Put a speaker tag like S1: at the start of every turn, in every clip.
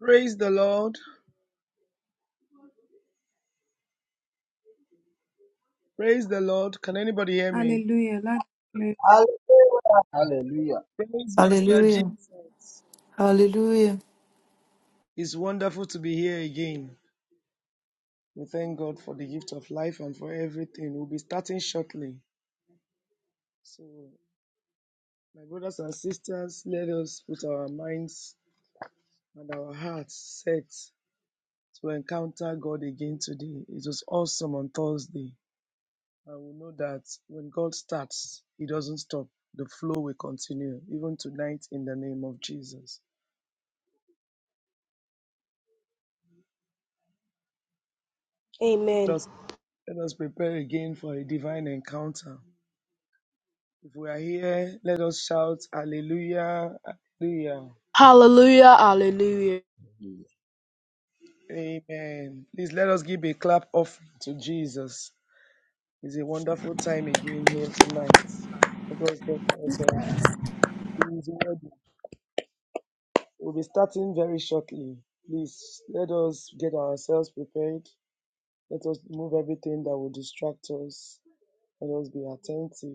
S1: Praise the Lord. Praise the Lord. Can anybody hear me?
S2: Hallelujah. Lord, hallelujah.
S3: Hallelujah.
S4: Hallelujah.
S1: Praise Master
S5: Hallelujah.
S1: Jesus.
S5: Hallelujah.
S1: It's wonderful to be here again. We thank God for the gift of life and for everything. We'll be starting shortly. So, my brothers and sisters, let us put our minds and our hearts set to encounter God again today. It was awesome on Thursday. And we know that when God starts, He doesn't stop. The flow will continue, even tonight, in the name of Jesus.
S6: Amen.
S1: Let us prepare again for a divine encounter. If we are here, let us shout hallelujah, hallelujah,
S6: Hallelujah, hallelujah.
S7: Yes.
S1: amen. Please let us give a clap offering to Jesus. It's a wonderful time again here tonight. Let us thank God. He is worthy. We'll be starting very shortly. Please let us get ourselves prepared. Let us move everything that will distract us. Let us be attentive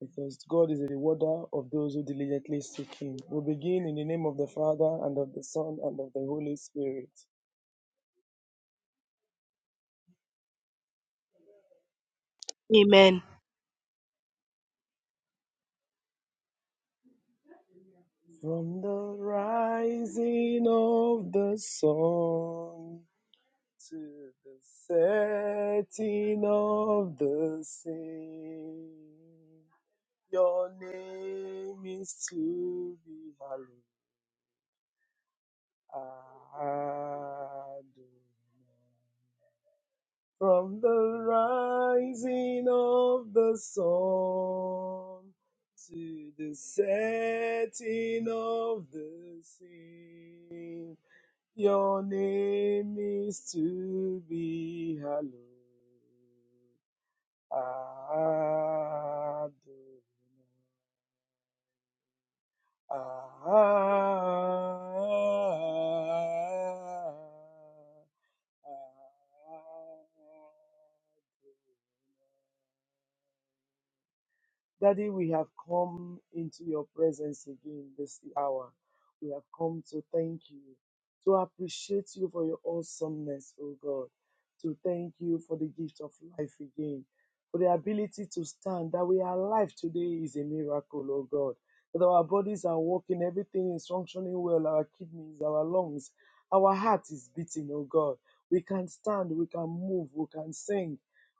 S1: because God is a rewarder of those who diligently seek Him. We begin in the name of the Father and of the Son and of the Holy Spirit.
S6: Amen.
S1: From the rising of the sun to the setting of the same, your name is to be hallowed. Adonai. from the rising of the sun to the setting of the same. Your name is to be hallowed. Adonai. Ah, ah, ah. Daddy, we have come into your presence again this hour. We have come to thank you, to appreciate you for your awesomeness, oh God, to thank you for the gift of life again, for the ability to stand. That we are alive today is a miracle, oh God. That our bodies are working, everything is functioning well, our kidneys, our lungs, our heart is beating, oh God. We can stand, we can move, we can sing.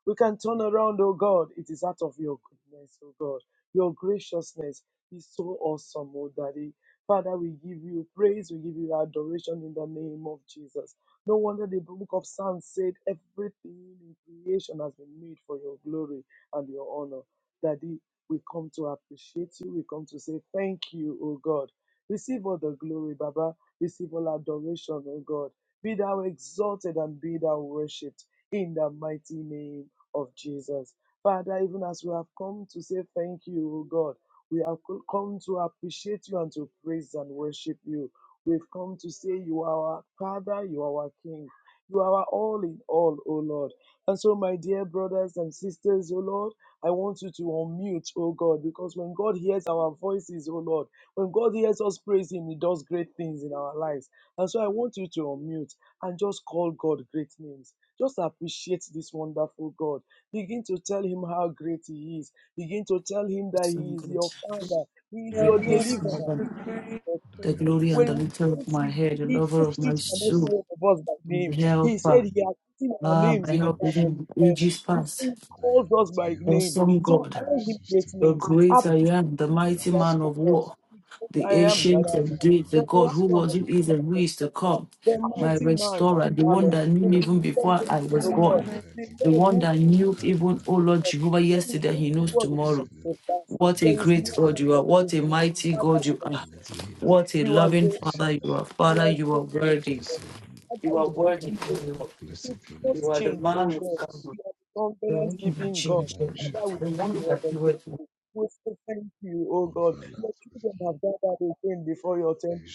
S1: We can turn around, oh God. It is out of your goodness, oh God. Your graciousness is so awesome, oh Daddy. Father, we give you praise, we give you adoration in the name of Jesus. No wonder the book of Psalms said everything in creation has been made for your glory and your honor. Daddy, we come to appreciate you. We come to say thank you, O God. Receive all the glory, Baba. Receive all adoration, O God. Be thou exalted and be thou worshipped in the mighty name of Jesus. Father, even as we have come to say thank you, O God, we have co- come to appreciate you and to praise and worship you. We've come to say you are our Father, you are our King, you are our all in all, O Lord. And so, my dear brothers and sisters, O Lord, I want you to unmute, O God, because when God hears our voices, O Lord, when God hears us praise Him, He does great things in our lives. And so, I want you to unmute and just call God great names. Just appreciate this wonderful God. Begin to tell him how great he is. Begin to tell him that he is your father. He
S7: The
S1: is
S2: You are
S1: your
S7: Lord of
S2: worthy.
S5: Greatness,
S7: Lords,
S1: deliverer.
S5: Mother,
S1: He is your
S7: that
S5: the
S7: I
S1: king.
S7: am
S5: glory
S7: that
S5: and
S7: I
S1: When
S5: the
S1: we
S7: am,
S5: lifter of
S1: praise
S5: my
S1: him,
S5: head, the
S1: he
S7: the
S5: lover
S1: knows
S5: of
S7: first
S5: my
S7: and
S1: each
S7: the
S1: and every
S5: soul,
S7: last,
S1: one of us by
S7: the
S5: the
S1: name.
S7: beginning
S1: He
S7: and the
S1: said
S5: helper.
S7: end.
S1: he has written our
S5: Ah,
S1: names
S5: my
S1: in
S7: I
S1: the
S5: help
S1: palm of
S7: Worship
S5: even
S1: his
S5: in
S1: hands.
S5: ages
S1: He
S5: past.
S1: said he
S7: that I
S1: calls
S7: am
S1: us
S7: that I
S1: by
S7: am.
S1: name.
S5: Awesome
S1: So
S5: God,
S7: I
S1: call him great
S7: sustain
S5: the
S1: names.
S5: great I am, the
S1: Appreciate him
S7: your
S1: for
S5: mighty
S1: that,
S7: eyes.
S5: man
S1: O
S5: of
S1: God.
S5: war,
S1: Because
S5: the
S1: I
S7: I
S1: am that
S5: ancient
S7: God
S5: of
S1: I am.
S5: days, the
S1: The
S7: Abraham,
S5: God who
S7: Isaac,
S1: lion of
S7: and
S5: was,
S1: the
S5: who
S7: Jacob,
S5: is, and
S1: tribe
S5: who
S1: of
S5: is to
S1: Judah,
S5: come,
S1: the
S7: and
S5: my
S1: mighty
S7: Jehovah
S1: man of
S5: restorer, the
S7: Jireh,
S5: one
S1: valor,
S5: that knew
S1: the
S5: even
S1: king of
S5: before I
S1: kings,
S5: was
S1: O God,
S5: born,
S7: Jehovah
S1: the
S7: Agib,
S5: the
S1: Lord
S5: one
S1: who
S5: that
S7: the
S5: knew even,
S7: Adonai,
S5: oh Lord Jehovah,
S1: when you say
S5: yesterday, he
S1: the
S5: knows
S1: word
S7: Yahweh is
S5: tomorrow.
S7: your name,
S1: so fast,
S5: What a
S1: there
S7: mighty
S1: is no
S5: great God
S7: provider,
S1: like
S5: you are. What
S1: unto
S5: a
S1: you.
S7: is
S5: mighty
S7: your
S1: Father,
S7: name,
S5: God
S1: we
S5: you are.
S7: mighty
S1: exalt
S7: healer
S1: you.
S5: What a
S1: You are
S5: loving
S1: so,
S7: is your
S5: Father you
S7: name,
S5: are.
S1: you
S5: Father,
S1: are
S5: you are
S1: so good.
S5: worthy.
S7: blessed, Savior,
S1: Father,
S5: You are
S1: you have
S5: worthy.
S1: been
S5: You are,
S1: faithful.
S7: blessed
S1: You do
S7: beautiful name
S1: not
S7: for
S5: you are the
S1: change,
S7: the name of
S5: man
S1: oh
S5: of
S1: God.
S7: Jesus,
S5: God.
S1: You are the
S5: The
S1: covenant
S5: one that
S1: keeping God.
S5: changed
S7: covenant
S5: everything.
S1: Father, we
S7: shepherd,
S5: The
S1: give
S5: one
S1: you all
S5: that
S1: the
S5: you were. to.
S1: glory. We say thank you, oh God.
S7: of our
S1: Your children
S7: life.
S1: have gathered again before your temple.
S7: Thank you,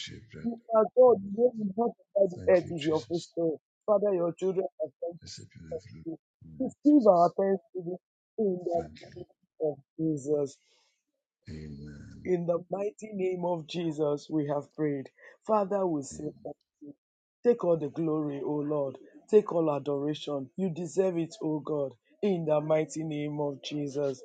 S1: You are God, you know you know the earth is your footstool. Father, your children are thankful. to you. Receive our
S7: Jesus.
S1: thanksgiving in the
S7: Thank
S1: name
S7: you.
S1: of Jesus.
S7: Amen.
S1: In the mighty name of Jesus, we have prayed. Father, we say, take all the glory, O Lord. Take all adoration. You deserve it, O God. In the mighty name of Jesus.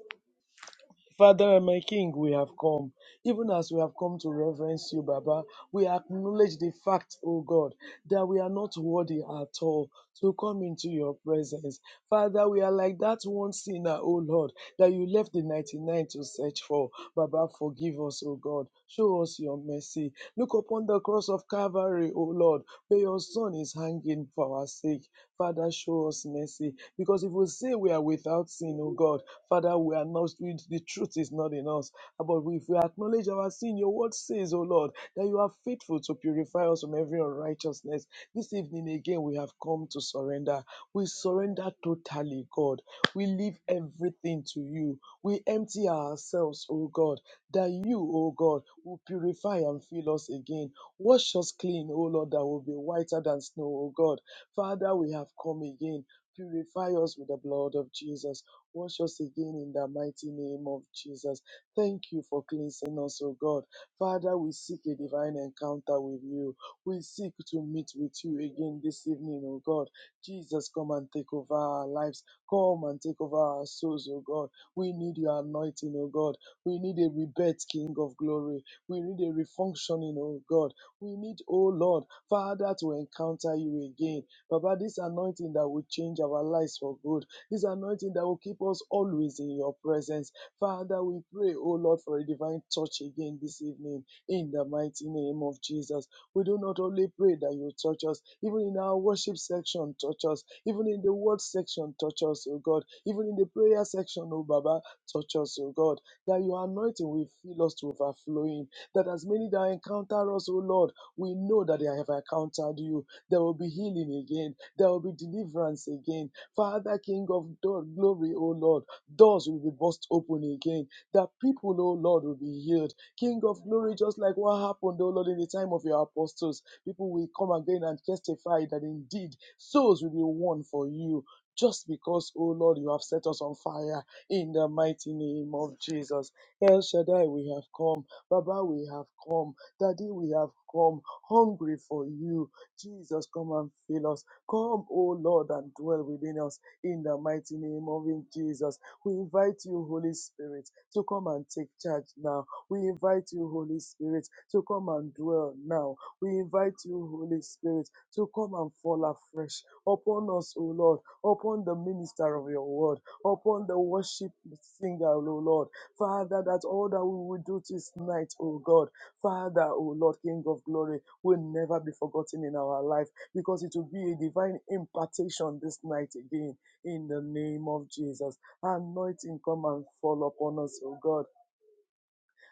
S1: Father and my King, we have come. Even as we have come to reverence you, Baba, we acknowledge the fact, O God, that we are not worthy at all to come into your presence. Father, we are like that one sinner, O Lord, that you left the 99 to search for. Baba, forgive us, O God. Show us your mercy. Look upon the cross of Calvary, O Lord, where your Son is hanging for our sake. Father, show us mercy. Because if we say we are without sin, O God, Father, we are not, we, the truth is not in us. But if we acknowledge our sin, your word says, O Lord, that you are faithful to purify us from every unrighteousness. This evening again, we have come to surrender. We surrender totally, God. We leave everything to you. We empty ourselves, O God, that you, O God, will purify and fill us again. Wash us clean, O Lord, that will be whiter than snow, O God. Father, we have come again. Purify us with the blood of Jesus. Wash us again in the mighty name of Jesus. Thank you for cleansing us, O God. Father, we seek a divine encounter with you. We seek to meet with you again this evening, O God. Jesus, come and take over our lives. Come and take over our souls, O God. We need your anointing, O God. We need a rebirth, King of glory. We need a refunctioning, O God. We need, O Lord, Father, to encounter you again. Baba, this anointing that will change our lives for good. This anointing that will keep us always in your presence. Father, we pray, oh Lord, for a divine touch again this evening in the mighty name of Jesus. We do not only pray that you touch us, even in our worship section, touch us, even in the word section, touch us, oh God, even in the prayer section, oh Baba, touch us, oh God, that your anointing will fill us to overflowing, that as many that encounter us, oh Lord, we know that they have encountered you. There will be healing again, there will be deliverance again, Father, King of glory, O Lord, doors will be burst open again. That people, O Lord, will be healed. King of glory, just like what happened, O Lord, in the time of your apostles, people will come again and testify that indeed souls will be won for you. Just because, O Lord, you have set us on fire in the mighty name of Jesus. El Shaddai, we have come. Baba, we have come. Daddy, we have come hungry for you. Jesus, come and fill us. Come, O Lord, and dwell within us in the mighty name of Jesus. We invite you, Holy Spirit, to come and take charge now. We invite you, Holy Spirit, to come and dwell now. We invite you, Holy Spirit, to come and fall afresh upon us, O Lord, upon the minister of your word, upon the worship singer, O Lord. Father, that all that we will do this night, O God, Father, O Lord, King of glory, will never be forgotten in our life because it will be a divine impartation this night again in the name of Jesus. Anointing come and fall upon us, oh God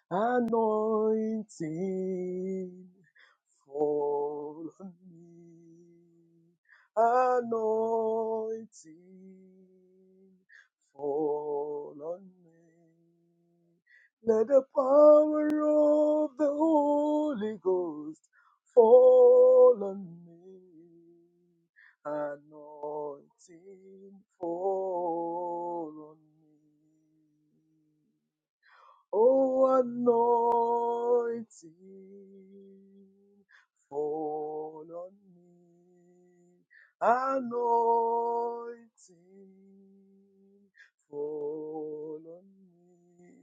S1: anointing fall on me. Anointing fall on me. Let the power of the Holy Ghost fall on me. Anointing fall on me. O anointing, fall on me. Anointing, fall on me.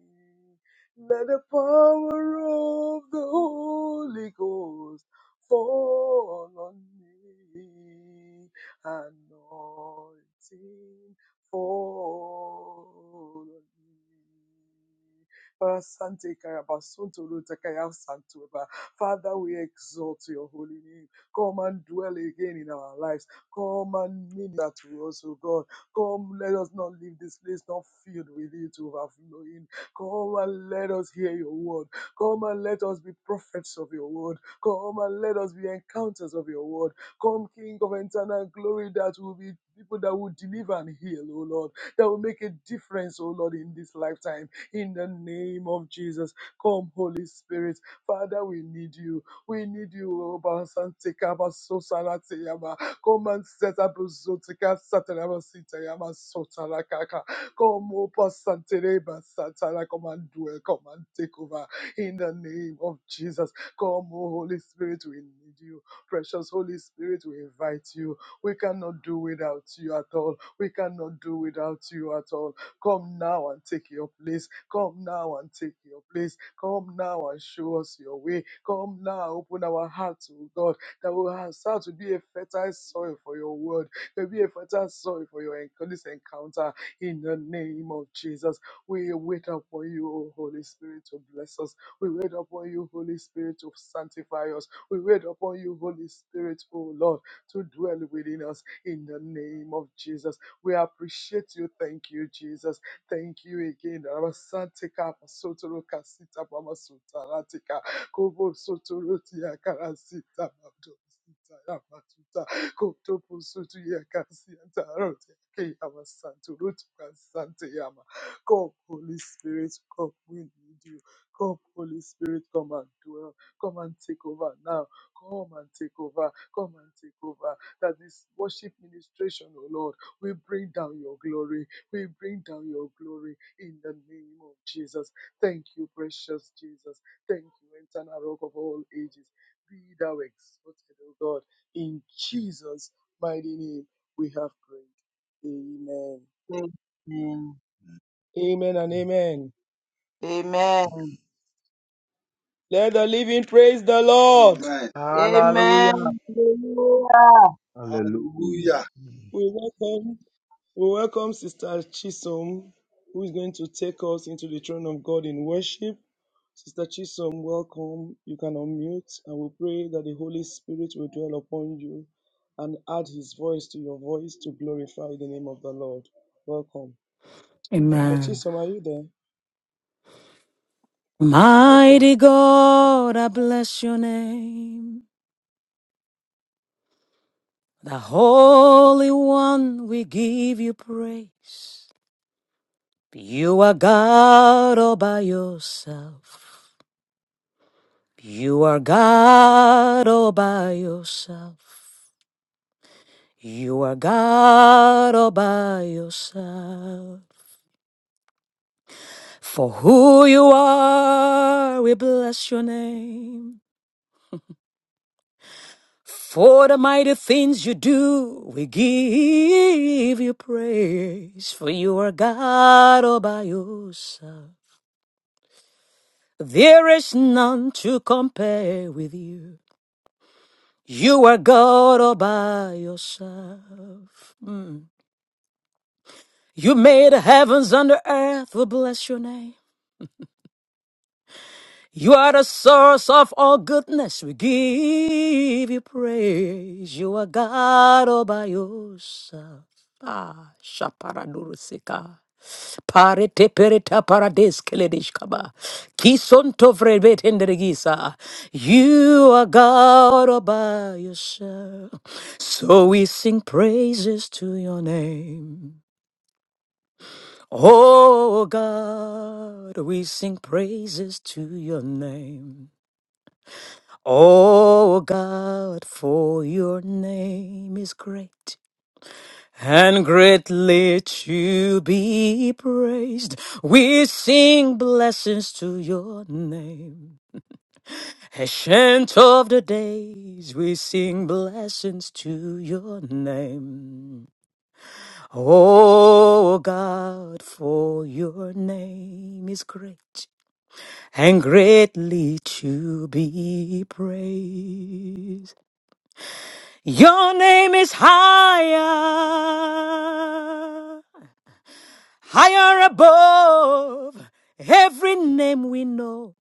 S1: Let the power of the Holy Ghost fall on me. Anointing, fall on me. Rasante karabasunto rutakaya santuba. Father, we exalt your holy name. Come and dwell again in our lives. Come and minister to us, O God. Come, let us not leave this place not filled with it overflowing. Come and let us hear your word. Come and let us be prophets of your word. Come and let us be encounters of your word. Come, King of eternal glory, that will be people that will deliver and heal, O Lord, that will make a difference, O Lord, in this lifetime in the name of Jesus. Come, Holy Spirit. Father, we need you. We need you. Oba Sante Kaba Sosala Teyama. Come and set up Zotika Satanaba Sitayama Sotala Kaka. Come, Opa Santereba Satana. Come and dwell. Come and take over in the name of Jesus. Come, O Holy Spirit, we need you. Precious Holy Spirit, we invite you. We cannot do without you at all. We cannot do without you at all. Come now and take your place. Come now and take your place. Come now and show us your way. Come now, open our hearts, to God, that we will start to be a fertile soil for your word. To be a fertile soil for your enc- this encounter. In the name of Jesus, we wait upon you, O Holy Spirit, to bless us. We wait upon you, Holy Spirit, to sanctify us. We wait upon you, Holy Spirit, O Lord, to dwell within us. In the name of Jesus. We appreciate you. Thank you, Jesus. Thank you again. Rabasantika pasotoro kasita pamasuta ratika kobo sotoro tia karasita mabdo sita ramatuta kopto pusutu ya kasianta rote ke yamasantu rutu kasante yama. Come, Holy Spirit, come. We need you. Come, Holy Spirit, come and dwell. Come and take over now. Come and take over. Come and take over. That this worship ministration, oh Lord. We bring down your glory. We bring down your glory in the name of Jesus. Thank you, precious Jesus. Thank you, eternal rock of all ages. Be thou exalted, O God. In Jesus' mighty name, we have prayed. Amen.
S3: Amen.
S1: Amen and
S8: Amen.
S1: amen.
S3: Amen.
S1: Let the living praise the Lord.
S9: Amen.
S10: Hallelujah.
S3: Amen. Hallelujah.
S8: Hallelujah.
S9: Hallelujah.
S7: Amen.
S1: We welcome, we welcome Sister Chisom, who is going to take us into the throne of God in worship. Sister Chisom, welcome. You can unmute and we pray that the Holy Spirit will dwell upon you and add his voice to your voice to glorify the name of the Lord. Welcome. Sister
S11: Amen.
S1: Chisom, are you there? Welcome.
S11: Mighty God, I bless your name. The Holy One, we give you praise. You are God all by yourself. You are God all by yourself. You are God all by yourself. For who you are, we bless your name. For the mighty things you do, we give you praise. For you are God all by yourself. There is none to compare with you. You are God all by yourself. Mm. You made the heavens and the earth. We bless your name. You are the source of all goodness. We give you praise. You are God all by yourself. Ah, shaparadurusika. Parete pereta parades keledishkaba. Kisonto vrebet enderegisa. You are God all by yourself. So we sing praises to your name. Oh God, we sing praises to your name. Oh God, for your name is great and greatly to be praised. We sing blessings to your name. Ancient of the days, we sing blessings to your name. Oh God, for your name is great and greatly to be praised. Your name is higher, higher above every name we know.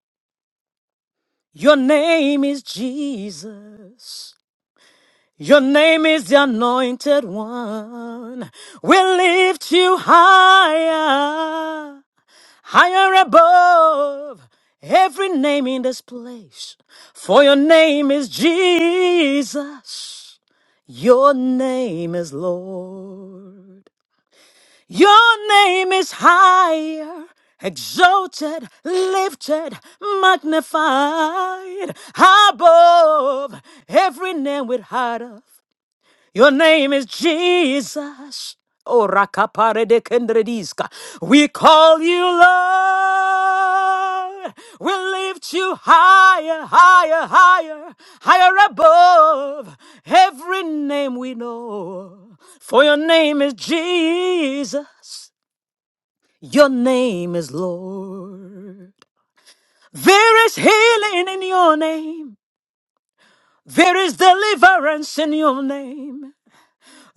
S11: Your name is Jesus. Your name is the anointed one. We lift you higher. higher above every name in this place. For your name is Jesus, your name is Lord. Your name is higher, exalted, lifted, magnified above every name with heart of. Your name is Jesus. Oh, rakapare de kendrediska. We call you Lord. We lift you higher, higher, higher, higher above every name we know. For your name is Jesus. Your name is Lord. There is healing in your name. There is deliverance in your name.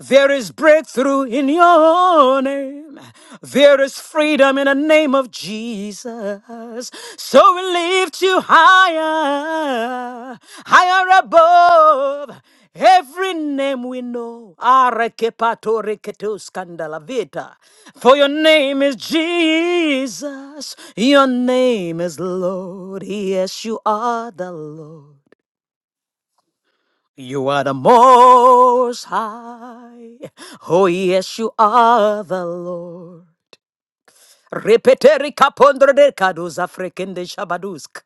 S11: There is breakthrough in your name. There is freedom in the name of Jesus. So we lift you higher, higher above. Every name we know, Arekepatoriketuskandala vita. for your name is Jesus, your name is Lord, yes, you are the Lord. You are the most high. Oh, yes, you are the Lord. Repeteri capondre de cadus frekende shabadusk.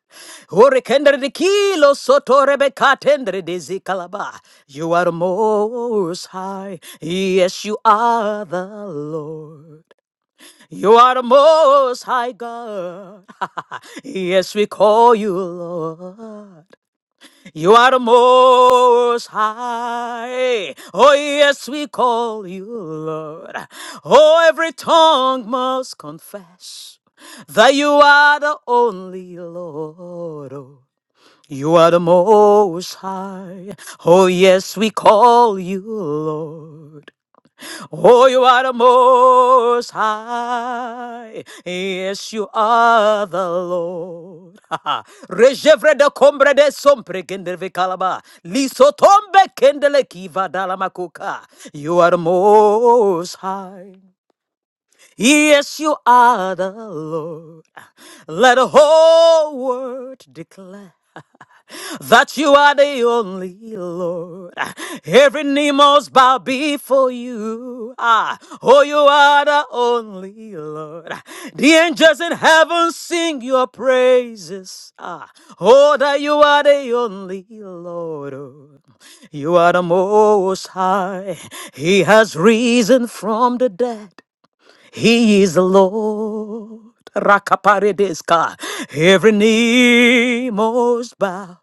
S11: Hurricane de kilo soto rebecatendre de zicalaba. You are the most high. Yes, you are the Lord. You are the most high God. yes, we call you Lord. You are the most high. Oh, yes, we call you Lord. Oh, every tongue must confess that you are the only Lord. Oh, You are the most high. Oh, yes, we call you Lord. Oh, you are the most high. Yes, you are the Lord. Rejevre de combre de sompre kendreve calaba. Liso kendele kiva dalamakuka. You are the most high. Yes, you are the Lord. Let the whole world declare that you are the only Lord. Every knee must bow before you. Ah, oh, you are the only Lord. The angels in heaven sing your praises. Ah, oh, that you are the only Lord. Oh, You are the most high. He has risen from the dead. He is the Lord. Rakaparideska. Every knee must bow.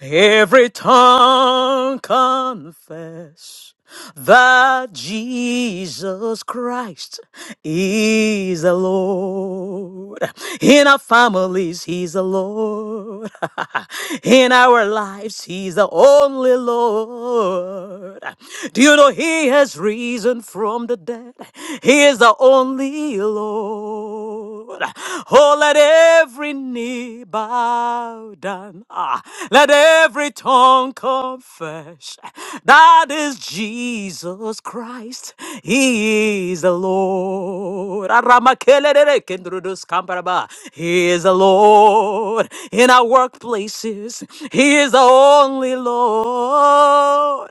S11: Every tongue confess that Jesus Christ is the Lord. In our families, He's the Lord. In our lives, He's the only Lord. Do you know He has risen from the dead? He is the only Lord. Oh, let every knee bow down. Ah, let every tongue confess that is Jesus Christ. He is the Lord. Aramakelelelekendruduskambaraba. He is the Lord in our workplaces. He is the only Lord.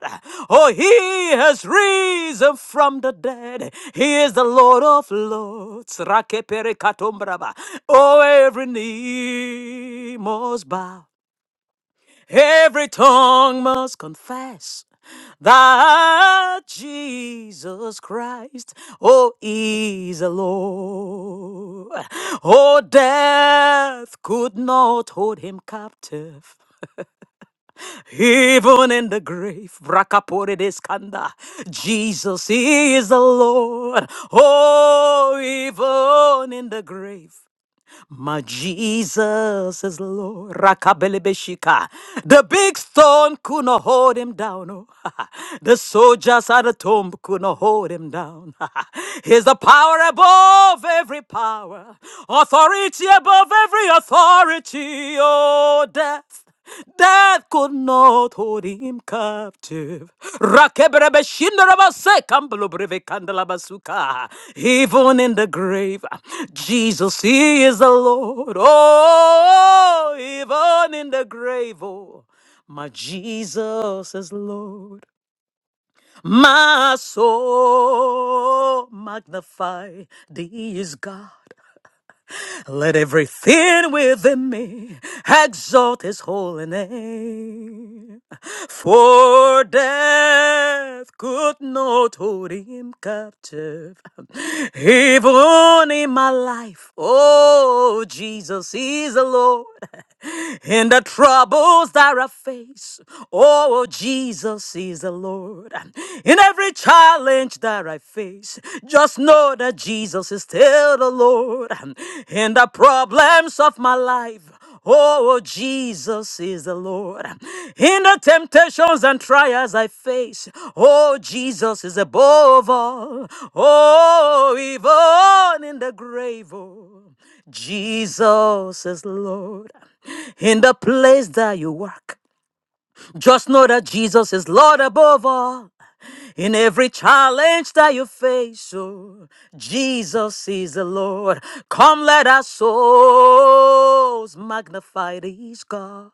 S11: Oh, He has risen from the dead. He is the Lord of Lords. Rakeperekatombraba. Oh, every knee must bow. Every tongue must confess that Jesus Christ, oh, is the Lord. Oh, death could not hold him captive. Even in the grave, Brakapore deskanda, Jesus is the Lord. Oh, even in the grave. My Jesus is Lord. Rakabelebeshika. The big stone could not hold him down. oh. the soldiers at the tomb could not hold him down. He's the power above every power, authority above every authority. Oh, death. Death could not hold him captive. Rakebrebeshindarabase, kamblobrevekandalabasuka. Even in the grave, Jesus, He is the Lord. Oh, even in the grave, oh, my Jesus is Lord. My soul magnify thee is God. Let everything within me exalt his holy name. For death could not hold him captive. Even in my life, oh, Jesus is the Lord. In the troubles that I face, oh, Jesus is the Lord. In every challenge, that I face. Just know that Jesus is still the Lord. In the problems of my life, oh, Jesus is the Lord. In the temptations and trials I face, oh, Jesus is above all. Oh, even in the grave, oh, Jesus is Lord. In the place that you work, just know that Jesus is Lord above all. In every challenge that you face, oh, Jesus is the Lord. Come, let our souls magnify this God.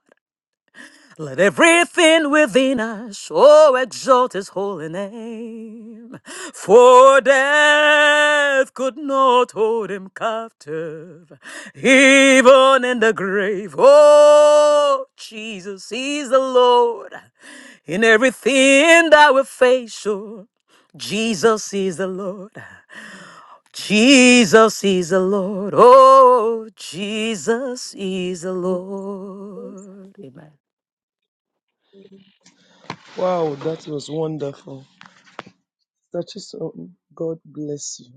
S11: Let everything within us, oh, exalt his holy name. For death could not hold him captive, even in the grave. Oh, Jesus, he's the Lord. In everything that we face, oh, Jesus is the Lord. Jesus is the Lord. Oh, Jesus is the Lord. Amen.
S1: Wow, that was wonderful. Sister Chisom, God bless you.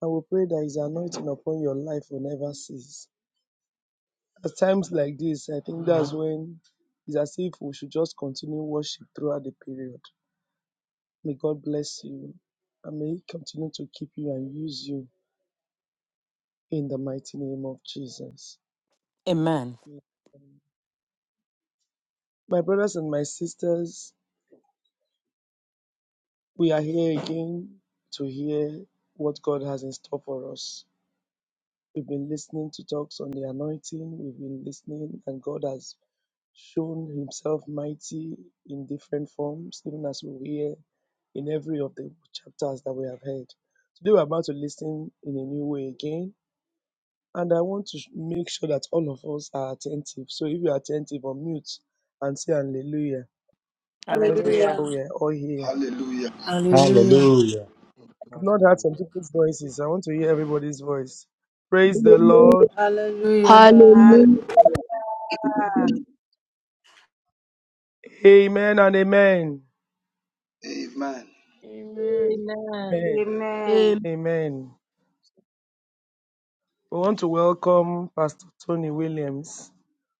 S1: And we pray that his anointing upon your life will never cease. At times like this, I think that's when it's as if we should just continue worship throughout the period May God bless you and may He continue to keep you and use you in the mighty name of Jesus.
S11: Amen.
S1: Amen. My brothers and my sisters, we are here again to hear what God has in store for us. We've been listening to talks on the anointing, we've been listening, and God has shown Himself mighty in different forms, even as we hear in every of the chapters that we have heard. Today we're about to listen in a new way again And I want to sh- make sure that all of us are attentive. So if you're attentive, unmute and say hallelujah. Let's be
S2: Hallelujah.
S1: sure we are all here.
S9: Hallelujah.
S5: Hallelujah.
S12: Hallelujah.
S1: I've not heard some
S8: Hallelujah.
S1: people's voices. I want to hear everybody's voice. Praise the Lord.
S5: Hallelujah.
S2: Hallelujah.
S13: Hallelujah.
S6: Hallelujah.
S9: Hallelujah.
S8: Amen.
S1: Amen and amen.
S9: Amen.
S14: Amen.
S1: Amen.
S3: Amen.
S13: Amen.
S1: Amen. We want to welcome Pastor Tony Williams,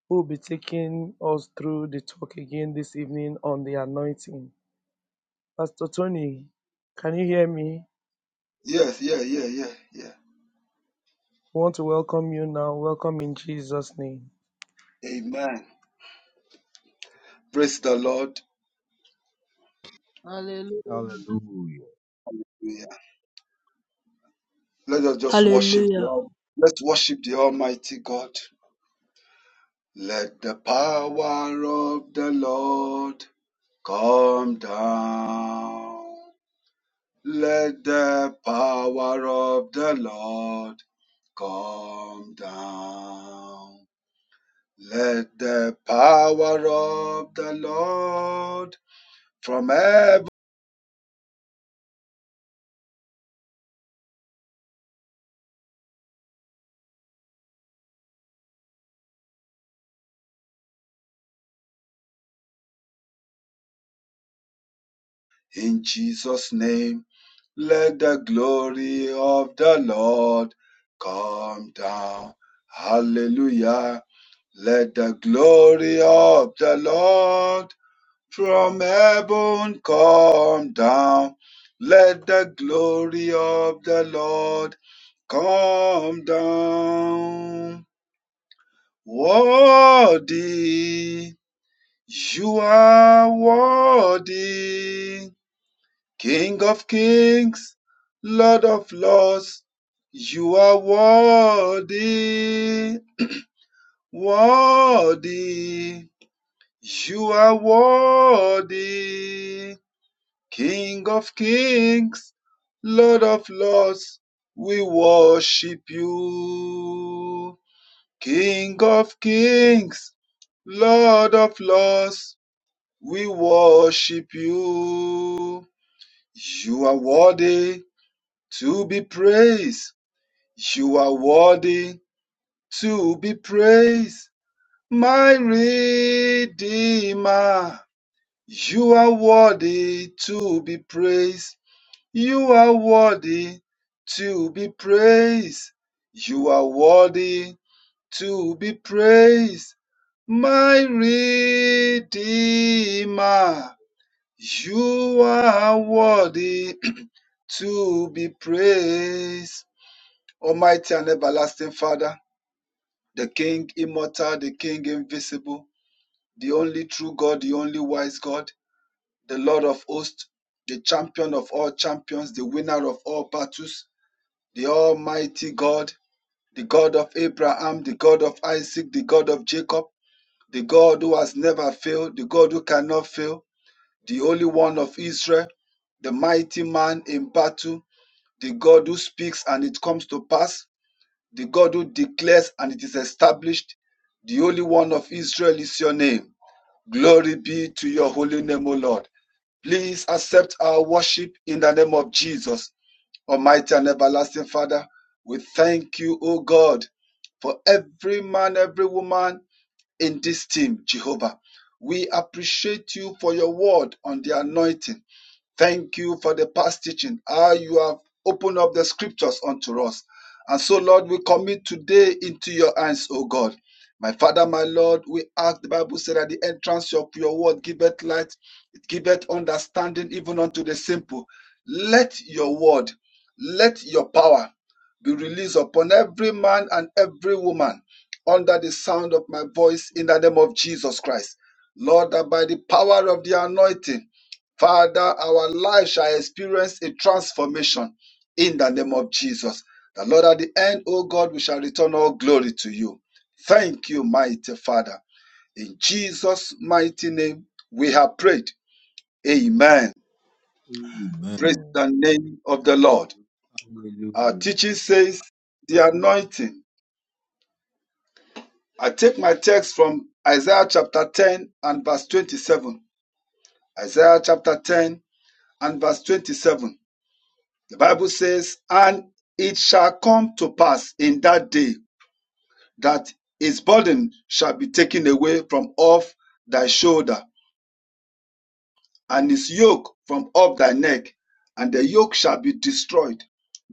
S1: who will be taking us through the talk again this evening on the anointing. Pastor Tony, can you hear me?
S9: Yes, yeah, yeah, yeah, yeah.
S1: We want to welcome you now. Welcome in Jesus' name.
S9: Amen. Praise the Lord.
S3: Hallelujah.
S8: Hallelujah.
S9: Yeah. Let us just worship the
S6: Hallelujah.
S9: Al- Let's worship the Almighty God. Let the power of the Lord come down. Let the power of the Lord come down. Let the power of the Lord from heaven in Jesus' name, let the glory of the Lord come down. Hallelujah. Let the glory of the Lord from heaven come down. Let the glory of the Lord come down. Worthy You are worthy, King of kings, Lord of lords. You are worthy, worthy. You are worthy, King of kings, Lord of lords. We worship you, King of kings, Lord of lords. We worship you. You are worthy to be praised. You are worthy to be praised. My Redeemer, you are worthy to be praised. You are worthy to be praised. You are worthy to be praised. My Redeemer. You are worthy to be praised. Almighty and everlasting Father, the King immortal, the King invisible, the only true God, the only wise God, the Lord of hosts, the champion of all champions, the winner of all battles, the Almighty God, the God of Abraham, the God of Isaac, the God of Jacob, the God who has never failed, the God who cannot fail, the Holy One of Israel, the mighty man in battle the God who speaks and it comes to pass, the God who declares and it is established. The Holy One of Israel is your name. Glory be to your holy name, O Lord. Please accept our worship in the name of Jesus, Almighty and everlasting Father. We thank you, O God, for every man, every woman in this team, Jehovah. We appreciate you for your word on the anointing. Thank you for the past teaching. How you have opened up the scriptures unto us. And so, Lord, we commit today into your hands, O God. My Father, my Lord, we ask, the Bible said, at the entrance of your word, giveth light, it giveth understanding even unto the simple. Let your word, let your power be released upon every man and every woman under the sound of my voice in the name of Jesus Christ. Lord, that by the power of the anointing, Father, our life shall experience a transformation in the name of Jesus. The Lord, at the end, O God, we shall return all glory to you. Thank you, mighty Father. In Jesus' mighty name, we have prayed. Amen. Praise
S8: Amen.
S9: the name of the Lord. Our
S8: Hallelujah.
S9: teaching says the anointing. I take my text from Isaiah chapter 10 and verse 27. Isaiah chapter 10 and verse 27. The Bible says, And it shall come to pass in that day that his burden shall be taken away from off thy shoulder, and his yoke from off thy neck, and the yoke shall be destroyed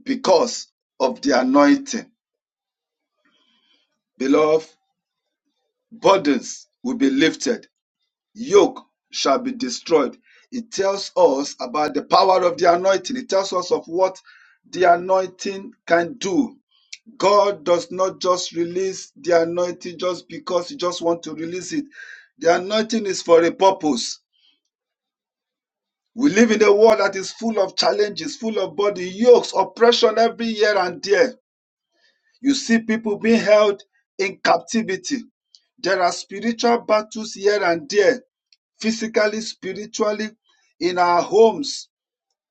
S9: because of the anointing. Beloved, burdens will be lifted, yoke shall be destroyed. It tells us about the power of the anointing, it tells us of what the anointing can do God does not just release the anointing just because you just want to release it. The anointing is for a purpose. We live in a world that is full of challenges, full of body yokes, oppression every year and there. You see people being held in captivity. There are spiritual battles here and there, physically, spiritually, in our homes,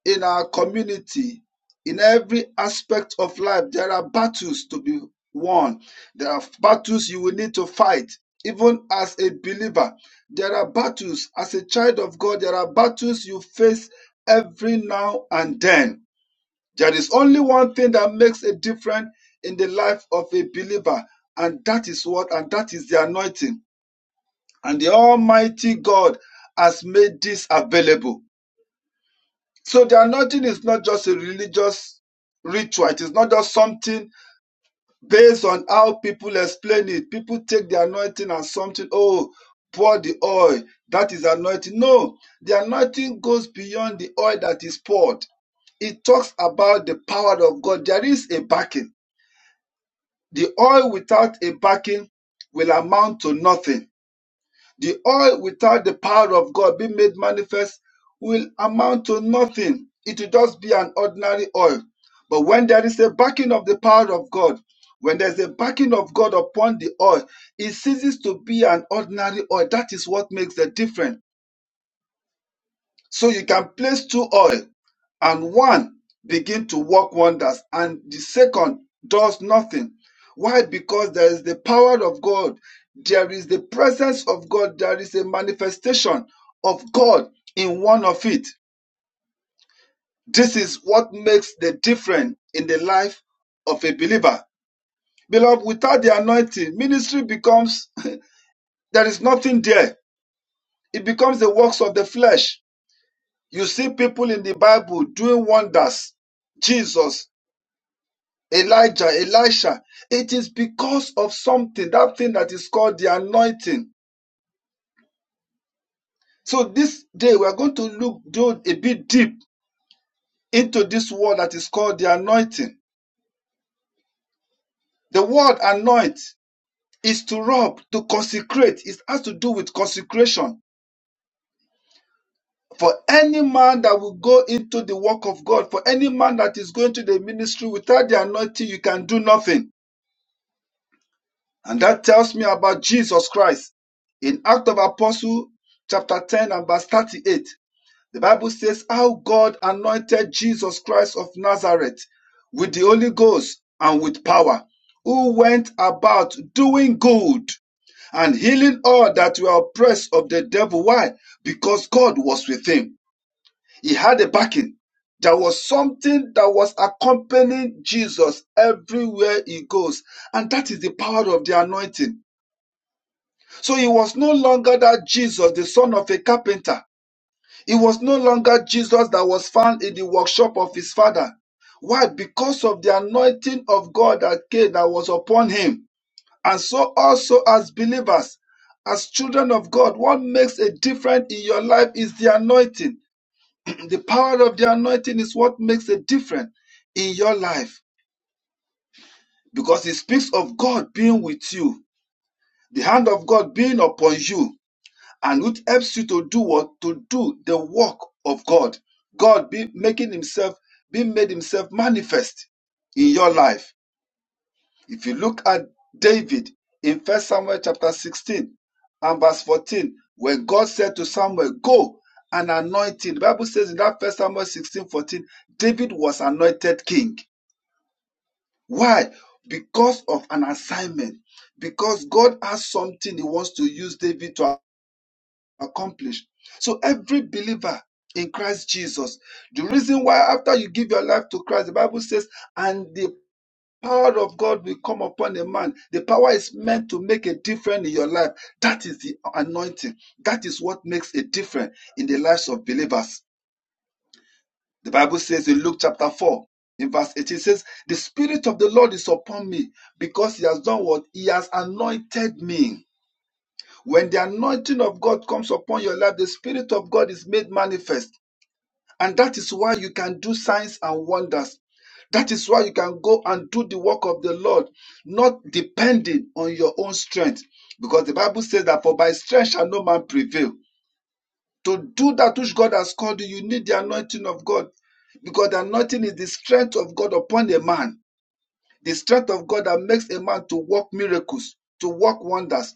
S9: in our community, in every aspect of life, there are battles to be won. There are battles you will need to fight, even as a believer. There are battles as a child of God, there are battles you face every now and then. There is only one thing that makes a difference in the life of a believer, and that is what? And that is the anointing. And the Almighty God has made this available. So the anointing is not just a religious ritual. It is not just something based on how people explain it. People take the anointing as something, oh, pour the oil. That is anointing. No, the anointing goes beyond the oil that is poured. It talks about the power of God. There is a backing. The oil without a backing will amount to nothing. The oil without the power of God being made manifest will amount to nothing. It will just be an ordinary oil. But when there is a backing of the power of God, when there's a backing of God upon the oil, it ceases to be an ordinary oil. That is what makes the difference. So you can place two oil and one begin to work wonders and the second does nothing. Why? Because there is the power of God. There is the presence of God. There is a manifestation of God in one of it. This is what makes the difference in the life of a believer. Beloved, without the anointing, ministry becomes, there is nothing there. It becomes the works of the flesh You see people in the Bible doing wonders. Jesus, Elijah, Elisha. It is because of something, that thing that is called the anointing. So this day we are going to look do a bit deep into this word that is called the anointing. The word anoint is to rub, to consecrate. It has to do with consecration. For any man that will go into the work of God, for any man that is going to the ministry without the anointing, you can do nothing. And that tells me about Jesus Christ. In Act of Apostle, chapter 10 and verse 38, the Bible says how God anointed Jesus Christ of Nazareth with the Holy Ghost and with power, who went about doing good and healing all that were oppressed of the devil. Why? Because God was with him. He had a backing. There was something that was accompanying Jesus everywhere he goes. And that is the power of the anointing. So he was no longer that Jesus, the son of a carpenter. He was no longer Jesus that was found in the workshop of his father. Why? Because of the anointing of God that came that was upon him. And so also as believers, as children of God, what makes a difference in your life is the anointing. The power of the anointing is what makes a difference in your life. Because it speaks of God being with you, the hand of God being upon you and which helps you to do what to do the work of god god be making himself be made himself manifest in your life if you look at david in first samuel chapter 16 and verse 14 when god said to samuel go and anoint him the bible says in that first samuel 16 14, david was anointed king why because of an assignment because god has something he wants to use david to accomplished. So every believer in Christ Jesus, the reason why after you give your life to Christ, the Bible says, and the power of God will come upon a man. The power is meant to make a difference in your life. That is the anointing. That is what makes a difference in the lives of believers. The Bible says in Luke chapter 4, in verse 18, it says, The Spirit of the Lord is upon me because He has done what? He has anointed me when the anointing of God comes upon your life, the Spirit of God is made manifest. And that is why you can do signs and wonders. That is why you can go and do the work of the Lord, not depending on your own strength. Because the Bible says that for by strength shall no man prevail. To do that which God has called you, you need the anointing of God. Because the anointing is the strength of God upon a man, the strength of God that makes a man to work miracles, to work wonders.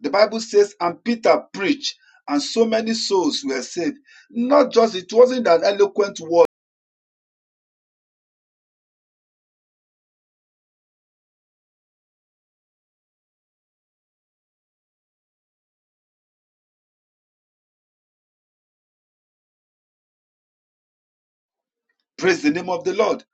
S9: The Bible says, and Peter preached, and so many souls were saved. Not just, it wasn't an eloquent word. Praise the name of the Lord.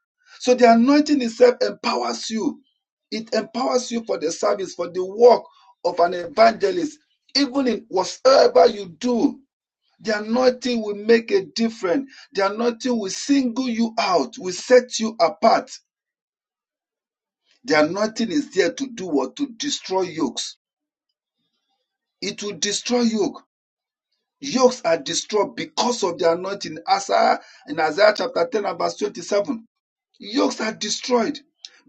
S9: So the anointing itself empowers you. It empowers you for the service, for the work of an evangelist. Even in whatever you do, the anointing will make a difference. The anointing will single you out, will set you apart. The anointing is there to do what? To destroy yokes. It will destroy yoke Yokes are destroyed because of the anointing. Isaiah, in Isaiah chapter 10 and verse 27, yokes are destroyed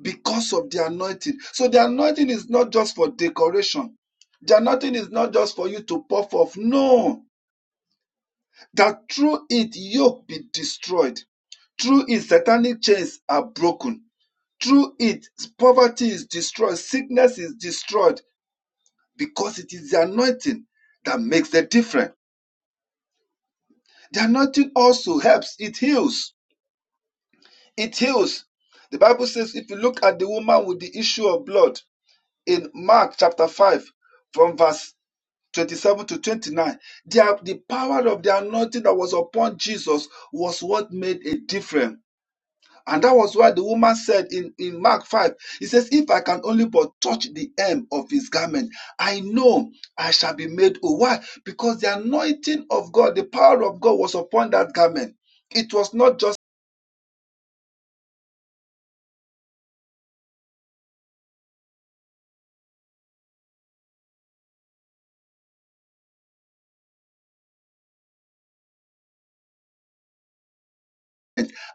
S9: because of the anointing. So the anointing is not just for decoration. The anointing is not just for you to puff off. No, that through it yoke be destroyed. Through it satanic chains are broken. Through it poverty is destroyed. Sickness is destroyed because it is the anointing that makes the difference. The anointing also helps. It heals. It heals. The Bible says if you look at the woman with the issue of blood in Mark chapter 5 from verse 27 to 29, the, the power of the anointing that was upon Jesus was what made a difference. And that was why the woman said in, in Mark 5, he says, If I can only but touch the hem of his garment, I know I shall be made whole. Why? Because the anointing of God, the power of God was upon that garment. It was not just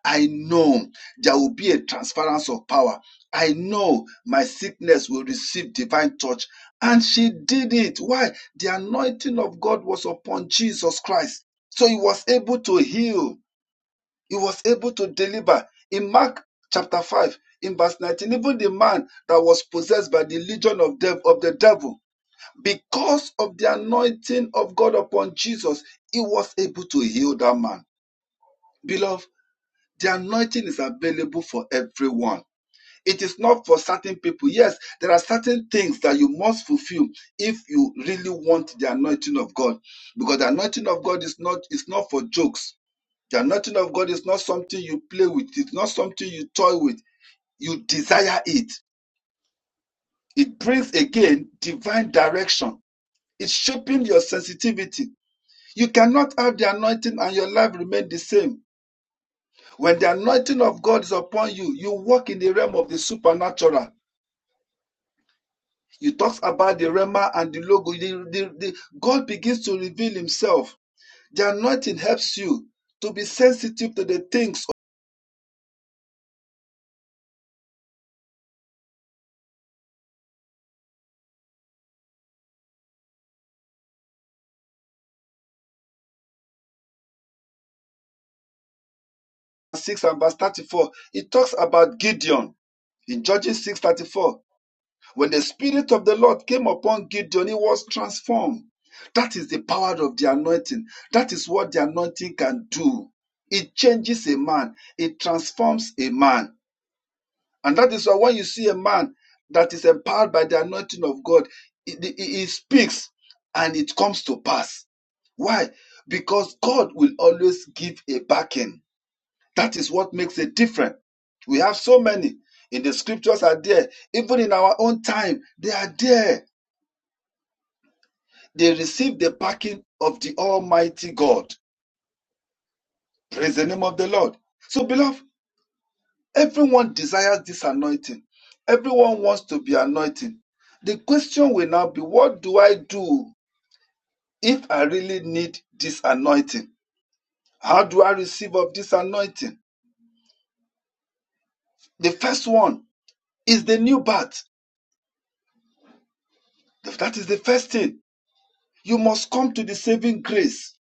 S9: I know there will be a transference of power. I know my sickness will receive divine touch. And she did it. Why? The anointing of God was upon Jesus Christ. So he was able to heal, he was able to deliver. In Mark chapter 5, in verse 19, even the man that was possessed by the legion of, dev- of the devil, because of the anointing of God upon Jesus, he was able to heal that man. Beloved, the anointing is available for everyone. It is not for certain people. Yes, there are certain things that you must fulfill if you really want the anointing of God. Because the anointing of God is not is not for jokes. The anointing of God is not something you play with. It's not something you toy with. You desire it. It brings again divine direction. It's shaping your sensitivity. You cannot have the anointing and your life remain the same. When the anointing of God is upon you, you walk in the realm of the supernatural. You talk about the Rema and the logo. The- the- the- God begins to reveal Himself. The anointing helps you to be sensitive to the things of 6 and verse 34. It talks about Gideon in Judges 6 34. When the Spirit of the Lord came upon Gideon, he was transformed. That is the power of the anointing. That is what the anointing can do. It changes a man, it transforms a man. And that is why when you see a man that is empowered by the anointing of God, he, he- he speaks and it comes to pass. Why? Because God will always give a backing. That is what makes a difference. We have so many in the scriptures are there. Even in our own time, they are there. They receive the backing of the Almighty God. Praise the name of the Lord. So, beloved. Everyone desires this anointing. Everyone wants to be anointed. The question will now be what do I do if I really need this anointing? How do I receive of this anointing? The first one is the new birth. That is the first thing. You must come to the saving grace.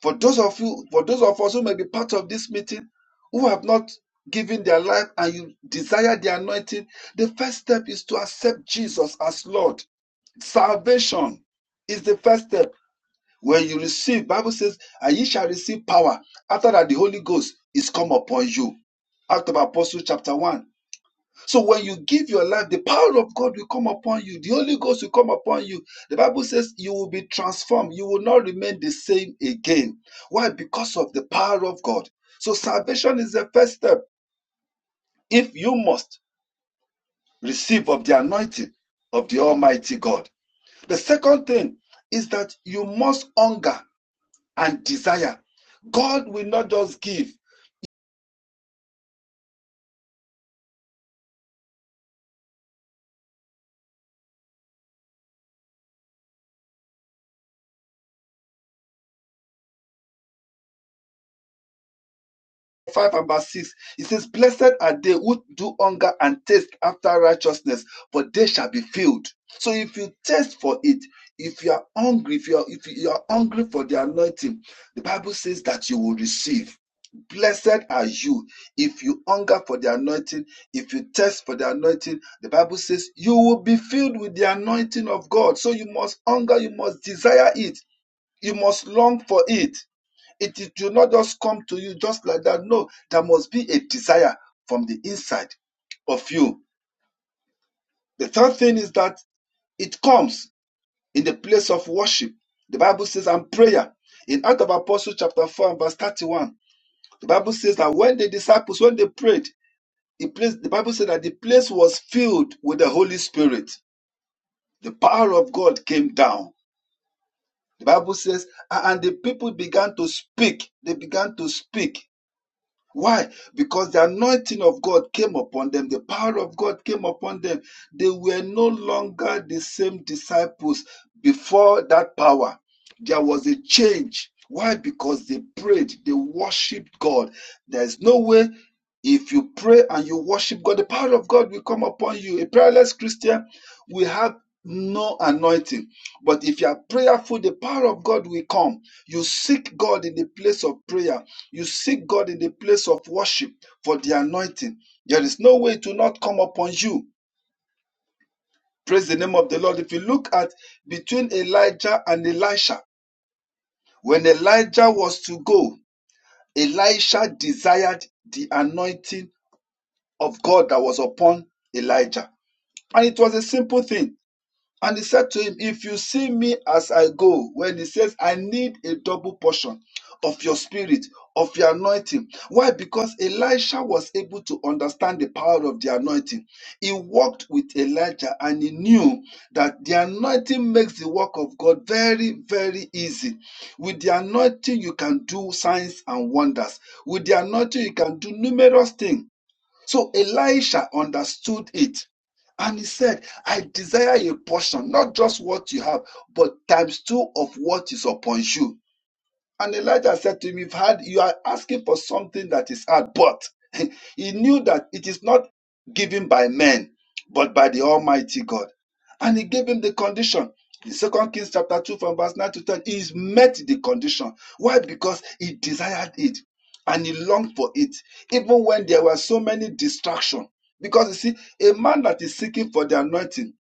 S9: For those of you, for those of us who may be part of this meeting who have not given their life and you desire the anointing, the first step is to accept Jesus as Lord Salvation is the first step. When you receive, Bible says, and ye shall receive power after that the Holy Ghost is come upon you. Act of Apostles chapter 1. So when you give your life, the power of God will come upon you. The Holy Ghost will come upon you. The Bible says you will be transformed. You will not remain the same again. Why? Because of the power of God. So salvation is the first step. If you must receive of the anointing of the Almighty God. The second thing is that you must hunger and desire. God will not just give. 5 and verse 6, it says, Blessed are they who do hunger and taste after righteousness, for they shall be filled. So if you taste for it, if you are hungry, if you are, if you are hungry for the anointing, the Bible says that you will receive. Blessed are you if you hunger for the anointing, if you thirst for the anointing. The Bible says you will be filled with the anointing of God. So you must hunger, you must desire it, you must long for it. It is- do not just come to you just like that. No, there must be a desire from the inside of you. The third thing is that it comes in the place of worship. The Bible says, and prayer. In Acts of Apostles, chapter 4, and verse 31, the Bible says that when the disciples, when they prayed, the, place, the Bible said that the place was filled with the Holy Spirit. The power of God came down. The Bible says, and the people began to speak. They began to speak Why? Because the anointing of God came upon them, the power of God came upon them. They were no longer the same disciples before that power. There was a change. Why? Because they prayed, they worshiped God. There's no way if you pray and you worship God, the power of God will come upon you. A prayerless Christian will have no anointing. But if you are prayerful, the power of God will come. You seek God in the place of prayer. You seek God in the place of worship for the anointing. There is no way to not come upon you. Praise the name of the Lord. If you look at between Elijah and Elisha, when Elijah was to go, Elisha desired the anointing of God that was upon Elijah. And it was a simple thing. And he said to him, If you see me as I go, when he says, I need a double portion of your spirit, of your anointing. Why? Because Elisha was able to understand the power of the anointing. He walked with Elijah and he knew that the anointing makes the work of God very, very easy. With the anointing, you can do signs and wonders. With the anointing, you can do numerous things. So Elisha understood it and he said, I desire a portion, not just what you have, but times two of what is upon you. And Elijah said to him, You've had you are asking for something that is hard, but he knew that it is not given by men, but by the Almighty God. And he gave him the condition. In 2 Kings chapter 2, from verse 9 to 10, he met the condition. Why? Because he desired it and he longed for it, even when there were so many distractions. Because you see, a man that is seeking for the anointing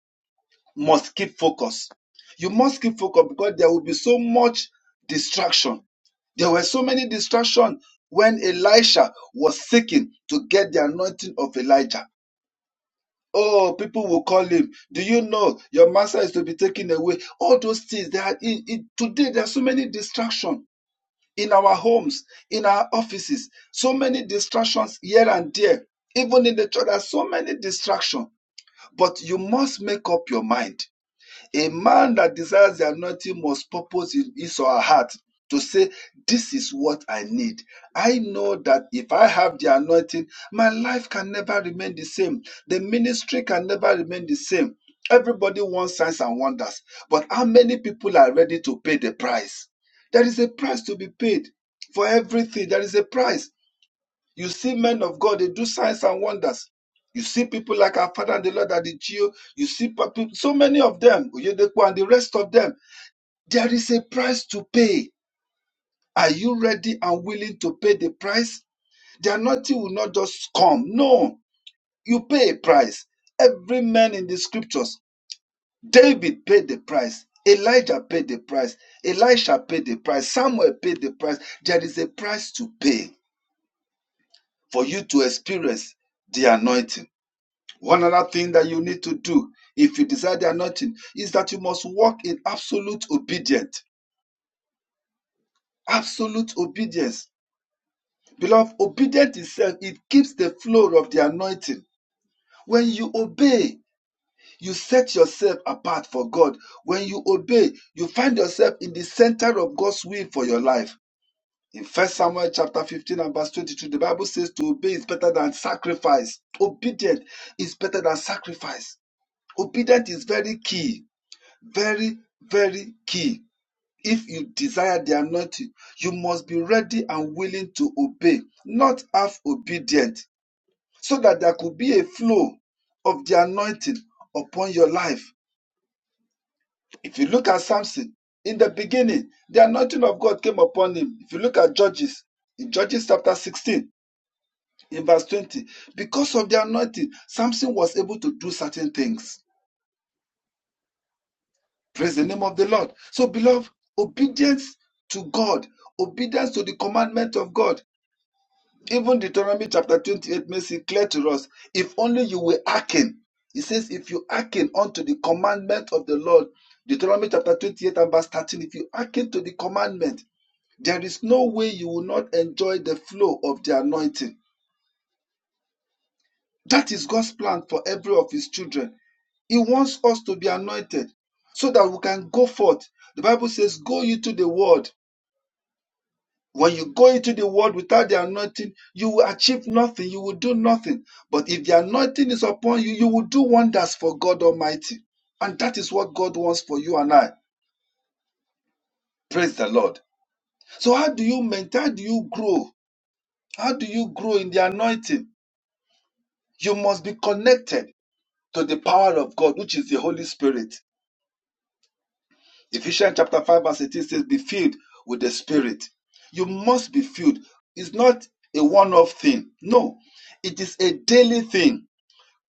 S9: must keep focus. You must keep focus because there will be so much distraction there were so many distractions when Elisha was seeking to get the anointing of Elijah. Oh, people will call him. Do you know your master is to be taken away? All those things. There are in, in- today. There are so many distractions in our homes, in our offices. So many distractions here and there. Even in the church, there are so many distractions. But you must make up your mind a man that desires the anointing must purpose in his or her heart to say, This is what I need. I know that if I have the anointing, my life can never remain the same. The ministry can never remain the same. Everybody wants signs and wonders, but how many people are ready to pay the price? There is a price to be paid for everything. There is a price. You see men of God, they do signs and wonders. You see people like our father and the Lord Adichio. You see pa- so many of them, Oyedepo and the rest of them. There is a price to pay. Are you ready and willing to pay the price? The anointing will not just come. No, you pay a price. Every man in the scriptures, David paid the price. Elijah paid the price. Elisha paid the price. Samuel paid the price. There is a price to pay for you to experience the anointing. One other thing that you need to do if you desire the anointing is that you must walk in absolute obedience. Absolute obedience. Beloved, obedience itself, it keeps the flow of the anointing. When you obey, you set yourself apart for God. When you obey, you find yourself in the center of God's will for your life. In First Samuel chapter 15 and verse 22, the Bible says to obey is better than sacrifice. Obedience is better than sacrifice. Obedience is very key Very, very key. If you desire the anointing, you must be ready and willing to obey, not half obedient, so that there could be a flow of the anointing upon your life. If you look at Samson, in the beginning, the anointing of God came upon him. If you look at Judges, in Judges chapter 16, in verse 20, because of the anointing, Samson was able to do certain things. Praise the name of the Lord. So, beloved, obedience to God, obedience to the commandment of God. Even Deuteronomy chapter 28 makes it clear to us if only you will hearken. He says, if you hearken unto the commandment of the Lord, Deuteronomy chapter 28 and verse 13, if you hearken to the commandment, there is no way you will not enjoy the flow of the anointing. That is God's plan for every of his children. He wants us to be anointed so that we can go forth. The Bible says, Go you to the world When you go into the world without the anointing, you will achieve nothing, you will do nothing. But if the anointing is upon you, you will do wonders for God Almighty. And that is what God wants for you and I. Praise the Lord. So, how do you maintain? How do you grow? How do you grow in the anointing? You must be connected to the power of God, which is the Holy Spirit. Ephesians chapter 5, verse 18 says, Be filled with the Spirit. You must be filled. It's not a one off thing. No, it is a daily thing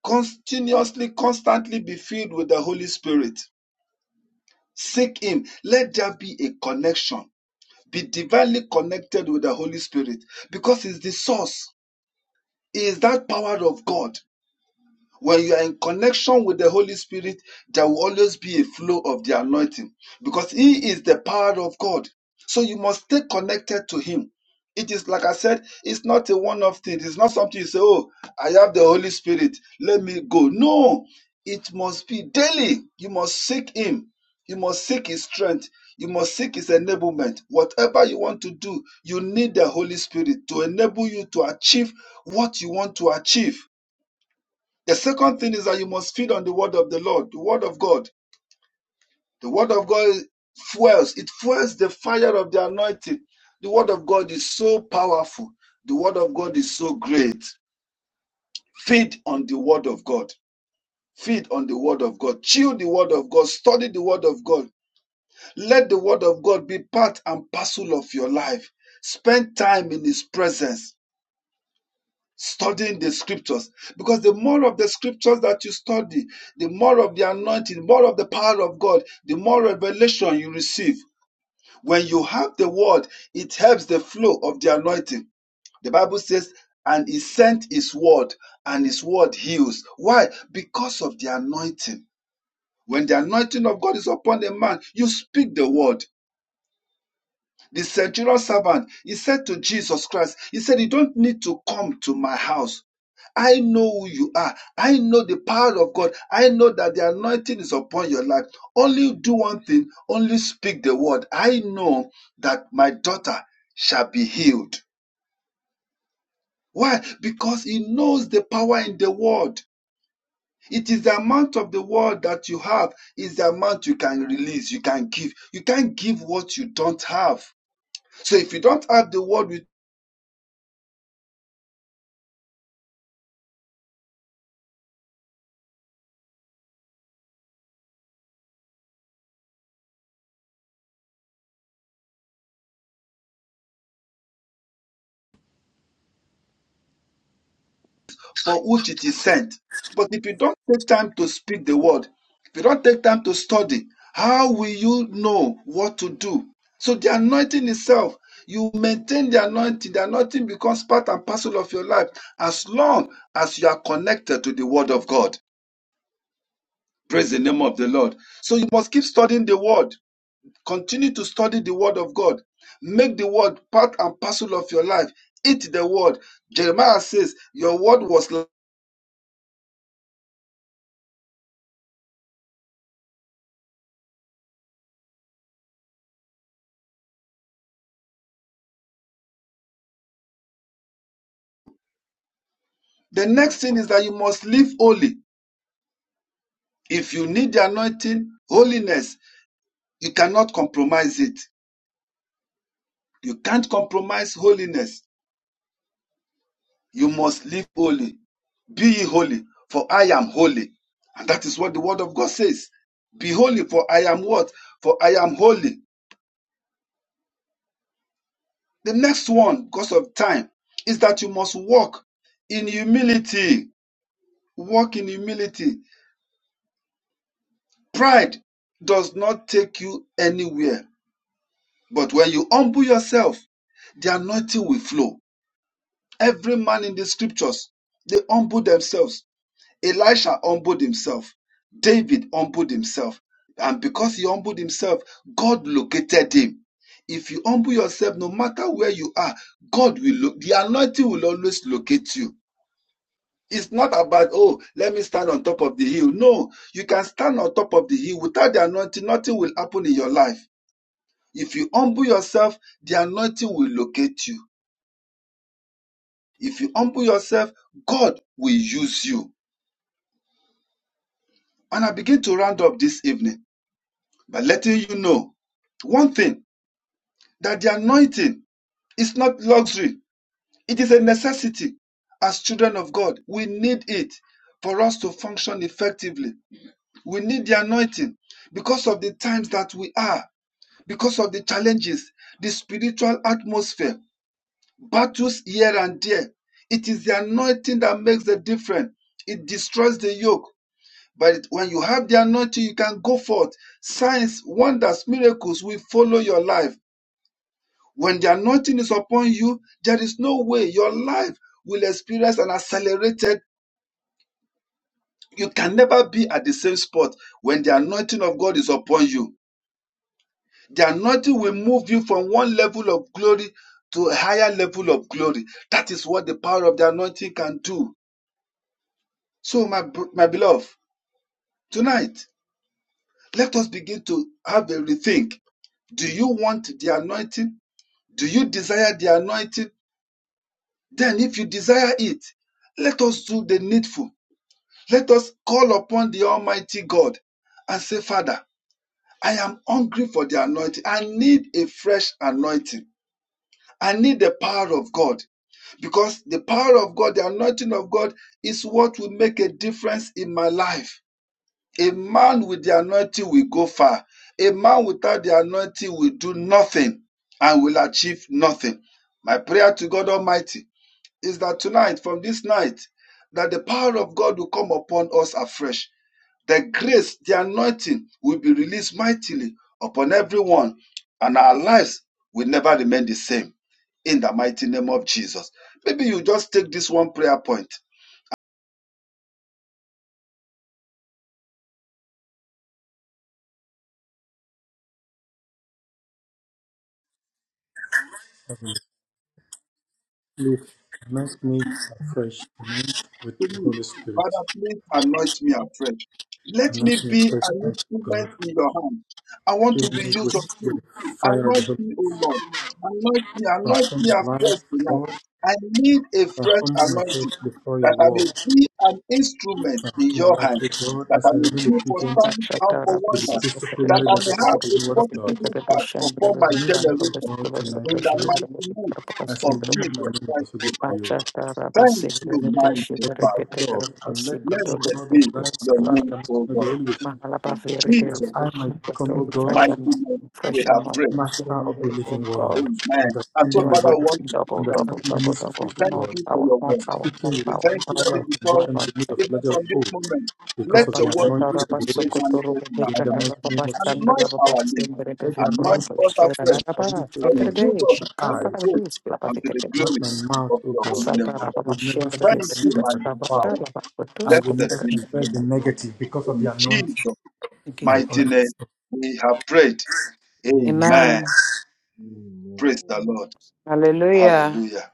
S9: continuously, constantly be filled with the Holy Spirit. Seek Him. Let there be a connection. Be divinely connected with the Holy Spirit because He's the source. He is that power of God. When you are in connection with the Holy Spirit, there will always be a flow of the anointing because He is the power of God. So you must stay connected to Him. It is like I said, it's not a one off thing. It's not something you say, oh, I have the Holy Spirit, let me go. No, it must be daily. You must seek Him. You must seek His strength. You must seek His enablement. Whatever you want to do, you need the Holy Spirit to enable you to achieve what you want to achieve. The second thing is that you must feed on the word of the Lord, the word of God. The word of God fuels, it fuels the fire of the anointing. The word of God is so powerful. The word of God is so great. Feed on the word of God. Feed on the word of God. Chew the word of God. Study the word of God. Let the word of God be part and parcel of your life. Spend time in his presence studying the scriptures because the more of the scriptures that you study the more of the anointing the more of the power of god the more revelation you receive when you have the word it helps the flow of the anointing the bible says and he sent his word and his word heals why because of the anointing when the anointing of god is upon a man you speak the word the centurion servant, he said to Jesus Christ, he said, You don't need to come to my house. I know who you are. I know the power of God. I know that the anointing is upon your life. Only do one thing, only speak the word. I know that my daughter shall be healed. Why? Because he knows the power in the word. It is the amount of the word that you have is the amount you can release, you can give. You can't give what you don't have. So if you don't have the word with for which it is sent. But if you don't take time to speak the word, if you don't take time to study, how will you know what to do? So the anointing itself, you maintain the anointing. The anointing becomes part and parcel of your life as long as you are connected to the word of God. Praise the name of the Lord. So you must keep studying the word. Continue to study the word of God. Make the word part and parcel of your life. Eat the word. Jeremiah says, Your word was The next thing is that you must live holy. If you need the anointing, holiness, you cannot compromise it. You can't compromise holiness. You must live holy. Be ye holy, for I am holy. And that is what the word of God says. Be holy, for I am what? For I am holy. The next one, because of time, is that you must walk in humility. Walk in humility. Pride does not take you anywhere But when you humble yourself, the anointing will flow. Every man in the scriptures, they humble themselves. Elisha humbled himself. David humbled himself. And because he humbled himself, God located him. If you humble yourself, no matter where you are, God will look, the anointing will always locate you. It's not about, oh, let me stand on top of the hill. No, you can stand on top of the hill. Without the anointing, nothing will happen in your life. If you humble yourself, the anointing will locate you. If you humble yourself, God will use you. And I begin to round up this evening by letting you know one thing that the anointing is not luxury, it is a necessity. As children of God, we need it for us to function effectively. We need the anointing because of the times that we are, because of the challenges, the spiritual atmosphere. battles here and there. It is the anointing that makes the difference. It destroys the yoke. But when you have the anointing, you can go forth. Signs, wonders, miracles will follow your life. When the anointing is upon you, there is no way your life will experience an accelerated. You can never be at the same spot when the anointing of God is upon you. The anointing will move you from one level of glory to a higher level of glory. That is what the power of the anointing can do. So, my, br- my beloved, tonight, let us begin to have a rethink. Do you want the anointing? Do you desire the anointing? Then, if you desire it, let us do the needful. Let us call upon the Almighty God and say, Father, I am hungry for the anointing. I need a fresh anointing. I need the power of God because the power of God, the anointing of God is what will make a difference in my life. A man with the anointing will go far. A man without the anointing will do nothing and will achieve nothing. My prayer to God Almighty is that tonight, from this night, that the power of God will come upon us afresh. The grace, the anointing will be released mightily upon everyone, and our lives will never remain the same. In the mighty name of Jesus. Maybe you just take this one prayer point
S12: Please Anoint me afresh anoint with
S9: to
S12: the
S9: me.
S12: Holy Spirit.
S9: Father, please anoint me afresh. Let me
S12: Anoint me
S9: be
S12: afresh,
S9: an
S12: mighty
S9: instrument
S12: God.
S9: in your hand. I want
S12: Fill
S9: to be
S12: me
S9: used of
S12: with
S9: you.
S12: the fire of the
S9: Anoint
S12: Holy Spirit.
S9: me, O Lord. Anoint me, anoint
S12: Transform
S9: me
S12: my
S9: afresh
S12: life,
S9: tonight.
S12: Lord.
S9: I need a
S12: I
S9: fresh
S12: humble myself
S9: anointing
S12: before your
S9: that I
S12: word.
S9: may be an instrument in
S12: Transform
S9: your
S12: my life,
S9: hand,
S12: O God,
S9: that I
S12: as I
S9: may
S12: remain
S9: do for
S12: obedient to
S9: signs and for
S11: Bachatara
S12: the
S11: basic
S9: wonders, that
S12: disciplinary
S9: I
S12: measures
S9: may
S11: preparation for
S12: of the
S9: have a
S12: living word of God.
S9: positive impact
S11: preparation
S9: upon my
S11: brevet
S12: Anoint me,
S11: canto
S9: generation
S12: O God,
S11: vascular
S12: tonight,
S9: in
S12: I
S9: the
S12: pray,
S11: operation
S9: mighty name
S12: as
S9: of
S12: I
S11: preparation
S12: yield my
S9: Jesus Christ,
S12: members to
S9: O God.
S12: you.
S11: Bachatara
S9: Thank
S11: basic
S12: Let
S9: you,
S12: me make
S9: my
S12: an
S11: preparation
S9: Father.
S12: epidemic of love,
S11: repeated
S12: and let,
S11: basic
S12: O
S11: control
S9: Blessed
S12: God,
S9: be
S12: my life
S9: your
S11: vascular
S12: attract the
S9: name, O
S12: atmosphere of
S9: God.
S12: the Holy Ghost
S11: Mahalapa
S9: In Jesus'
S12: That I
S11: verification
S12: might become
S11: control
S12: combo
S11: of
S12: God,
S11: fresh
S9: mighty
S11: and
S9: name, we
S11: fresh and
S9: have prayed.
S11: mountain
S12: master of the living
S11: from God.
S12: world,
S9: Amen. And so,
S12: understanding
S11: New
S12: the
S9: Father, we
S12: world,
S9: want
S8: Amen.
S11: anointing
S9: to
S11: double
S9: thank you.
S12: understanding
S11: double
S12: the
S11: double double
S12: mysteries of
S9: Thank
S11: more
S12: God,
S9: you for
S11: power
S9: your
S11: more
S12: and
S9: word.
S11: power
S12: speaking
S11: more
S9: We
S12: with
S11: power more
S9: thank you,
S12: power and
S9: Daddy,
S11: glory
S9: because
S11: more
S12: conviction in the need
S11: anointing
S12: of
S9: even
S12: a larger of
S9: from this
S12: hope,
S9: moment,
S11: Give
S9: let
S12: because of the
S9: your word
S12: anointing
S9: begin
S12: of the
S9: to be made
S12: Holy
S9: manifest in
S12: Spirit. In
S9: our
S12: the
S9: lives.
S12: mighty name of
S9: Anoint
S12: Jesus,
S9: our name.
S12: let the
S9: Anoint
S12: anointing
S9: us
S12: and
S9: afresh.
S12: not my lips, O
S9: Now you
S12: God, not
S9: use us
S12: my
S9: for the
S12: eyes,
S9: praise and to the
S12: not
S9: glory
S12: my mouth,
S9: of
S12: O
S9: your
S12: God.
S9: holy name, O
S12: I
S9: Lord.
S12: will never speak
S9: Thank you,
S12: anything
S9: my
S12: that is foul.
S9: Father.
S12: I will
S9: Blessed
S12: never
S9: be your
S12: confess the
S9: name, O
S12: negative because
S9: God
S12: of
S9: In
S12: the
S9: Jesus'
S12: anointing. I
S11: you
S12: will
S9: mighty
S12: always
S9: name
S11: praise.
S9: we have prayed.
S12: Amen.
S9: Amen.
S11: Amen.
S9: Praise the
S8: Amen.
S9: Lord.
S11: Hallelujah.
S9: Hallelujah.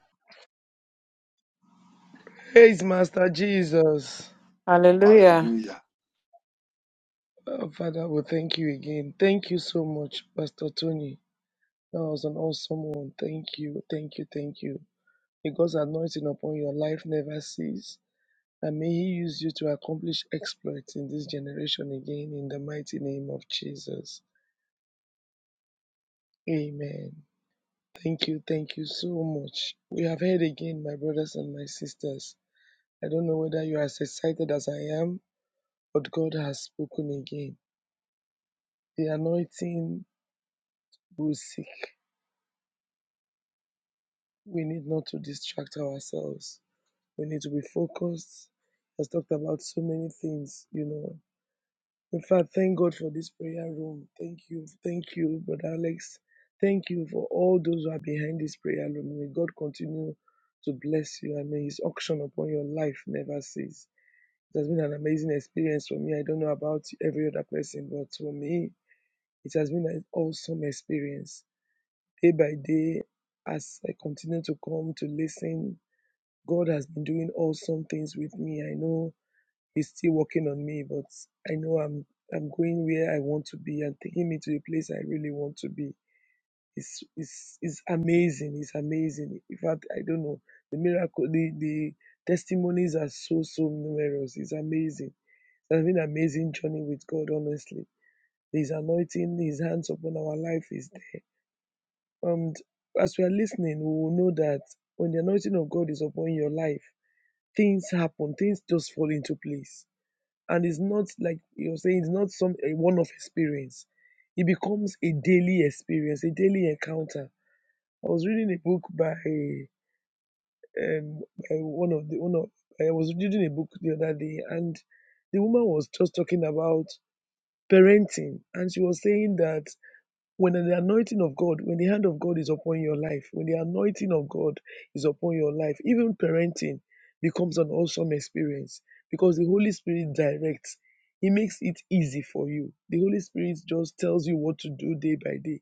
S1: Praise Master Jesus.
S11: Hallelujah.
S9: Hallelujah.
S1: Oh, Father, we thank you again. Thank you so much, Pastor Tony. That was an awesome one. Thank you, thank you, thank you. May God's anointing upon your life never cease. And may He use you to accomplish exploits in this generation again in the mighty name of Jesus. Amen. Thank you, thank you so much. We have heard again, my brothers and my sisters. I don't know whether you are as excited as I am, but God has spoken again. The anointing who is sick. We need not to distract ourselves. We need to be focused. Has talked about so many things, you know. In fact, thank God for this prayer room. Thank you, thank you, Brother Alex. Thank you for all those who are behind this prayer room. May God continue to bless you and may His auction upon your life never cease. It has been an amazing experience for me. I don't know about every other person, but for me, it has been an awesome experience. Day by day, as I continue to come to listen, God has been doing awesome things with me. I know He's still working on me, but I know I'm I'm going where I want to be and taking me to the place I really want to be. It's it's it's amazing. It's amazing. In fact, I don't know the miracle. The the testimonies are so so numerous. It's amazing. It's been an amazing journey with God. Honestly, His anointing, His hands upon our life is there and as we are listening, we will know that when the anointing of God is upon your life, things happen, things just fall into place. And it's not like you're saying, it's not some a one-off experience. It becomes a daily experience, a daily encounter. I was reading a book by um by one of the one of I was reading a book the other day, and the woman was just talking about parenting, and she was saying that when the anointing of God, when the hand of God is upon your life, when the anointing of God is upon your life, even parenting becomes an awesome experience because the Holy Spirit directs. He makes it easy for you. The Holy Spirit just tells you what to do day by day.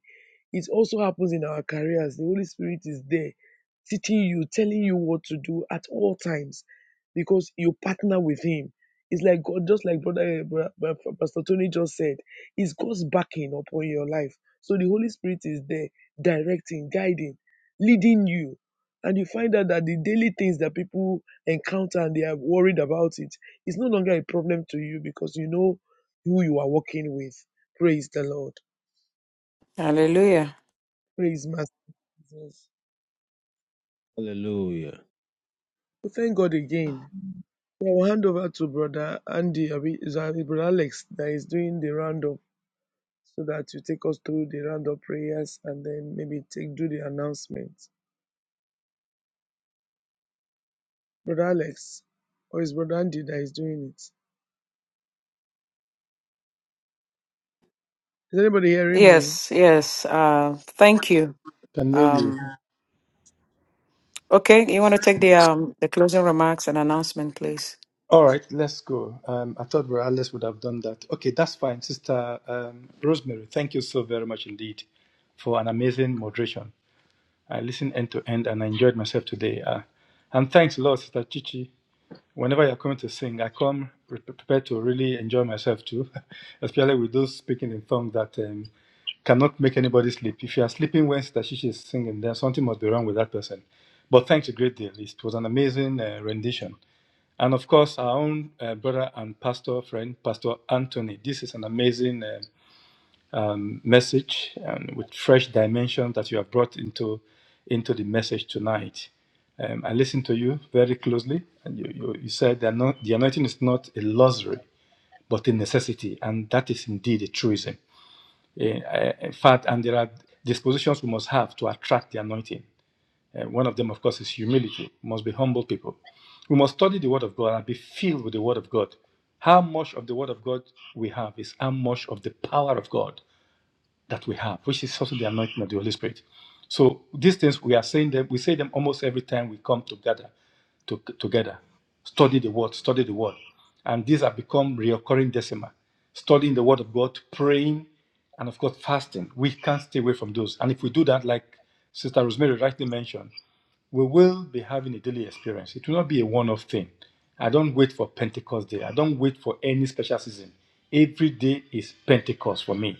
S1: It also happens in our careers. The Holy Spirit is there teaching you, telling you what to do at all times because you partner with Him. It's like God, just like Brother eh, Pastor Tony just said, it's God's backing upon your life. So the Holy Spirit is there directing, guiding, leading you. And you find out that the daily things that people encounter and they are worried about it, it's no longer a problem to you because you know who you are working with. Praise the Lord.
S11: Hallelujah.
S1: Praise Master Jesus.
S8: Hallelujah.
S1: We thank God again. I will hand over to Brother Andy, I mean, is that Brother Alex, that is doing the roundup so that you take us through the roundup prayers and then maybe take do the announcements. Brother Alex, or is Brother Andy that is doing it? Is anybody hearing me?
S11: Yes, yes. Uh, thank you.
S12: Can hear you.
S11: Um, okay, you want to take the um, the closing remarks and announcement, please?
S12: All right, let's go. Um, I thought Brother Alice would have done that. Okay, that's fine, Sister um, Rosemary. Thank you so very much indeed for an amazing moderation. I listened end to end and I enjoyed myself today. Uh, and thanks a lot, Sister Chichi. Whenever you're coming to sing, I come re- prepared to really enjoy myself too, especially with those speaking in tongues that um, cannot make anybody sleep. If you are sleeping when Sister Chichi is singing, then something must be wrong with that person. But thanks a great deal. It was an amazing uh, rendition. And of course, our own uh, brother and pastor friend, Pastor Anthony. This is an amazing um, um, message and with fresh dimension that you have brought into, into the message tonight. Um, I listened to you very closely, and you, you, you said that not, the anointing is not a luxury, but a necessity, and that is indeed a truism. Eh, eh, In fact, and there are dispositions we must have to attract the anointing. And one of them, of course, is humility. We must be humble people. We must study the Word of God and be filled with the Word of God. How much of the Word of God we have is how much of the power of God that we have, which is also the anointing of the Holy Spirit. So these things we are saying them, we say them almost every time we come together. To, together, study the Word, study the Word, and these have become recurring decima. Studying the Word of God, praying, and of course fasting. We can't stay away from those. And if we do that, like Sister Rosemary rightly mentioned, we will be having a daily experience. It will not be a one off thing. I don't wait for Pentecost Day. I don't wait for any special season. Every day is Pentecost for me.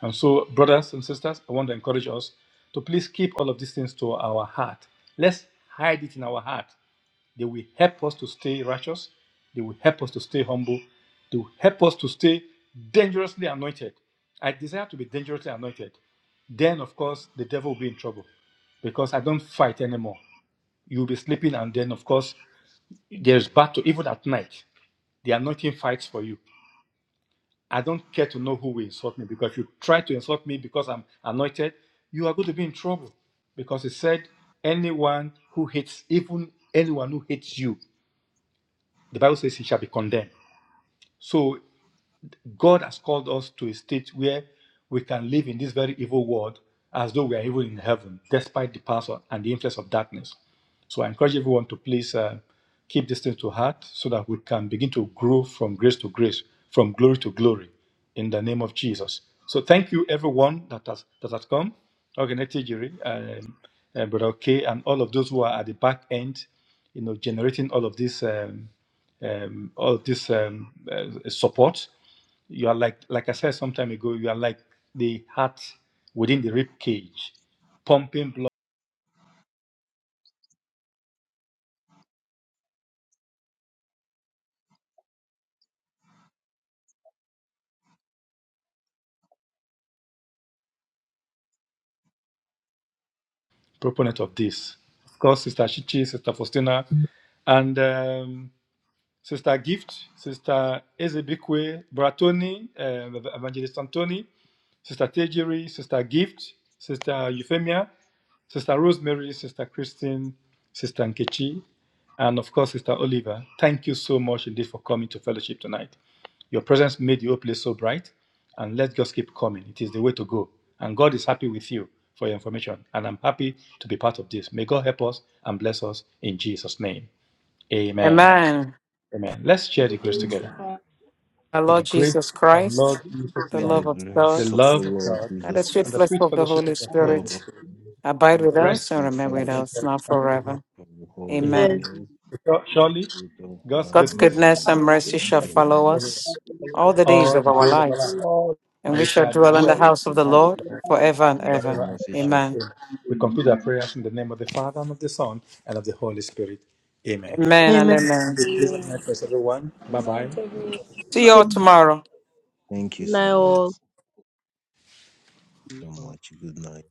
S12: And so, brothers and sisters, I want to encourage us to please keep all of these things to our heart. Let's hide it in our heart. They will help us to stay righteous. They will help us to stay humble. They will help us to stay dangerously anointed. I desire to be dangerously anointed. Then, of course, the devil will be in trouble because I don't fight anymore. You'll be sleeping, and then, of course, there's battle, even at night. The anointing fights for you. I don't care to know who will insult me because if you try to insult me because I'm anointed, you are going to be in trouble. Because it said, anyone who hates, even anyone who hates you, the Bible says he shall be condemned. So God has called us to a state where we can live in this very evil world as though we are even in heaven, despite the power and the influence of darkness. So I encourage everyone to please uh, keep this thing to heart so that we can begin to grow from grace to grace, from glory to glory, in the name of Jesus. So thank you, everyone that has that has come. Okay, next Jiri, um, uh, Brother Okay, and all of those who are at the back end, you know, generating all of this. Um, um, all of this um, uh, support. You are like, like I said some time ago, you are like the heart within the rib cage, pumping blood. Proponent of this, of course, Sister Chichi, Sister Faustina, and um, Sister Gift, Sister Ezebikwe, Bratoni, um, Evangelist Antoni, Sister Tejiri, Sister Gift, Sister Euphemia, Sister Rosemary, Sister Christine, Sister Nkechi, and of course, Sister Oliver. Thank you so much indeed for coming to fellowship tonight. Your presence made the whole place so bright, and let's just keep coming. It is the way to go. And God is happy with you for your information, and I'm happy to be part of this. May God help us and bless us in Jesus' name. Amen.
S11: Amen.
S12: Amen. Let's
S2: We
S12: share the
S2: praise you, the
S12: grace
S8: Amen.
S2: glory,
S12: together.
S2: Father.
S11: Our
S12: May the
S11: Lord
S12: grace
S11: Jesus
S12: of our Lord
S11: Christ,
S12: Jesus
S11: the
S8: May the
S12: Christ,
S11: love of
S12: the
S8: grace
S11: God,
S8: of the
S12: love of
S8: Lord
S12: God,
S11: and the
S8: Jesus
S11: sweet
S12: and the
S8: Christ,
S11: fellowship
S12: sweet
S11: of the
S12: fellowship
S11: Holy
S12: of the
S8: the
S12: Holy
S8: love of
S11: Spirit
S12: Spirit
S11: abide
S8: God,
S11: with
S8: and the
S12: rest
S11: us and
S8: sweet
S11: remain
S12: and
S11: with
S12: abide
S8: fellowship
S11: us
S12: with
S11: now
S12: us now and forevermore.
S11: forever.
S8: of the Holy
S12: Amen.
S6: Amen.
S11: Amen.
S8: Spirit
S12: So Surely,
S8: be with us
S12: God's
S8: now
S11: God's
S8: and
S12: goodness
S11: goodness and
S8: forevermore.
S3: We
S11: mercy
S10: Goodness
S12: and
S11: shall
S3: bless
S12: mercy
S8: Amen.
S12: shall
S11: follow
S3: and
S12: follow
S3: we
S12: us
S11: us all
S10: of
S11: the days
S12: all
S11: of
S12: the
S3: for all
S11: our
S12: days
S3: the
S12: of our life,
S11: lives,
S3: things
S10: God.
S11: and
S12: and
S11: we
S12: we
S11: shall
S12: shall
S9: We
S11: dwell in
S3: that
S9: shall
S11: the
S12: dwell
S3: we
S11: house of
S12: in
S3: can
S11: the
S3: do
S12: that
S9: be
S3: in
S11: Lord
S3: the
S12: Lord
S3: past.
S11: forever and
S8: Goodness
S11: ever.
S8: and
S12: forever and
S8: mercy
S12: ever.
S8: shall
S11: Amen.
S8: follow
S12: Amen. We conclude our
S9: blessed.
S12: prayers in the name of the Father, and of the Son, and of the Holy Spirit. Amen.
S11: Amen and
S8: us.
S6: Amen.
S12: Have
S11: amen.
S12: a
S10: Amen.
S12: pleasant night, first, everyone. Bye
S2: Good
S12: bye.
S2: everyone.
S11: See
S9: Amen.
S11: you all
S6: Good
S11: tomorrow.
S8: Thank you so
S6: night,
S1: Good
S8: much.
S6: all.
S1: night.
S8: So much. Good night.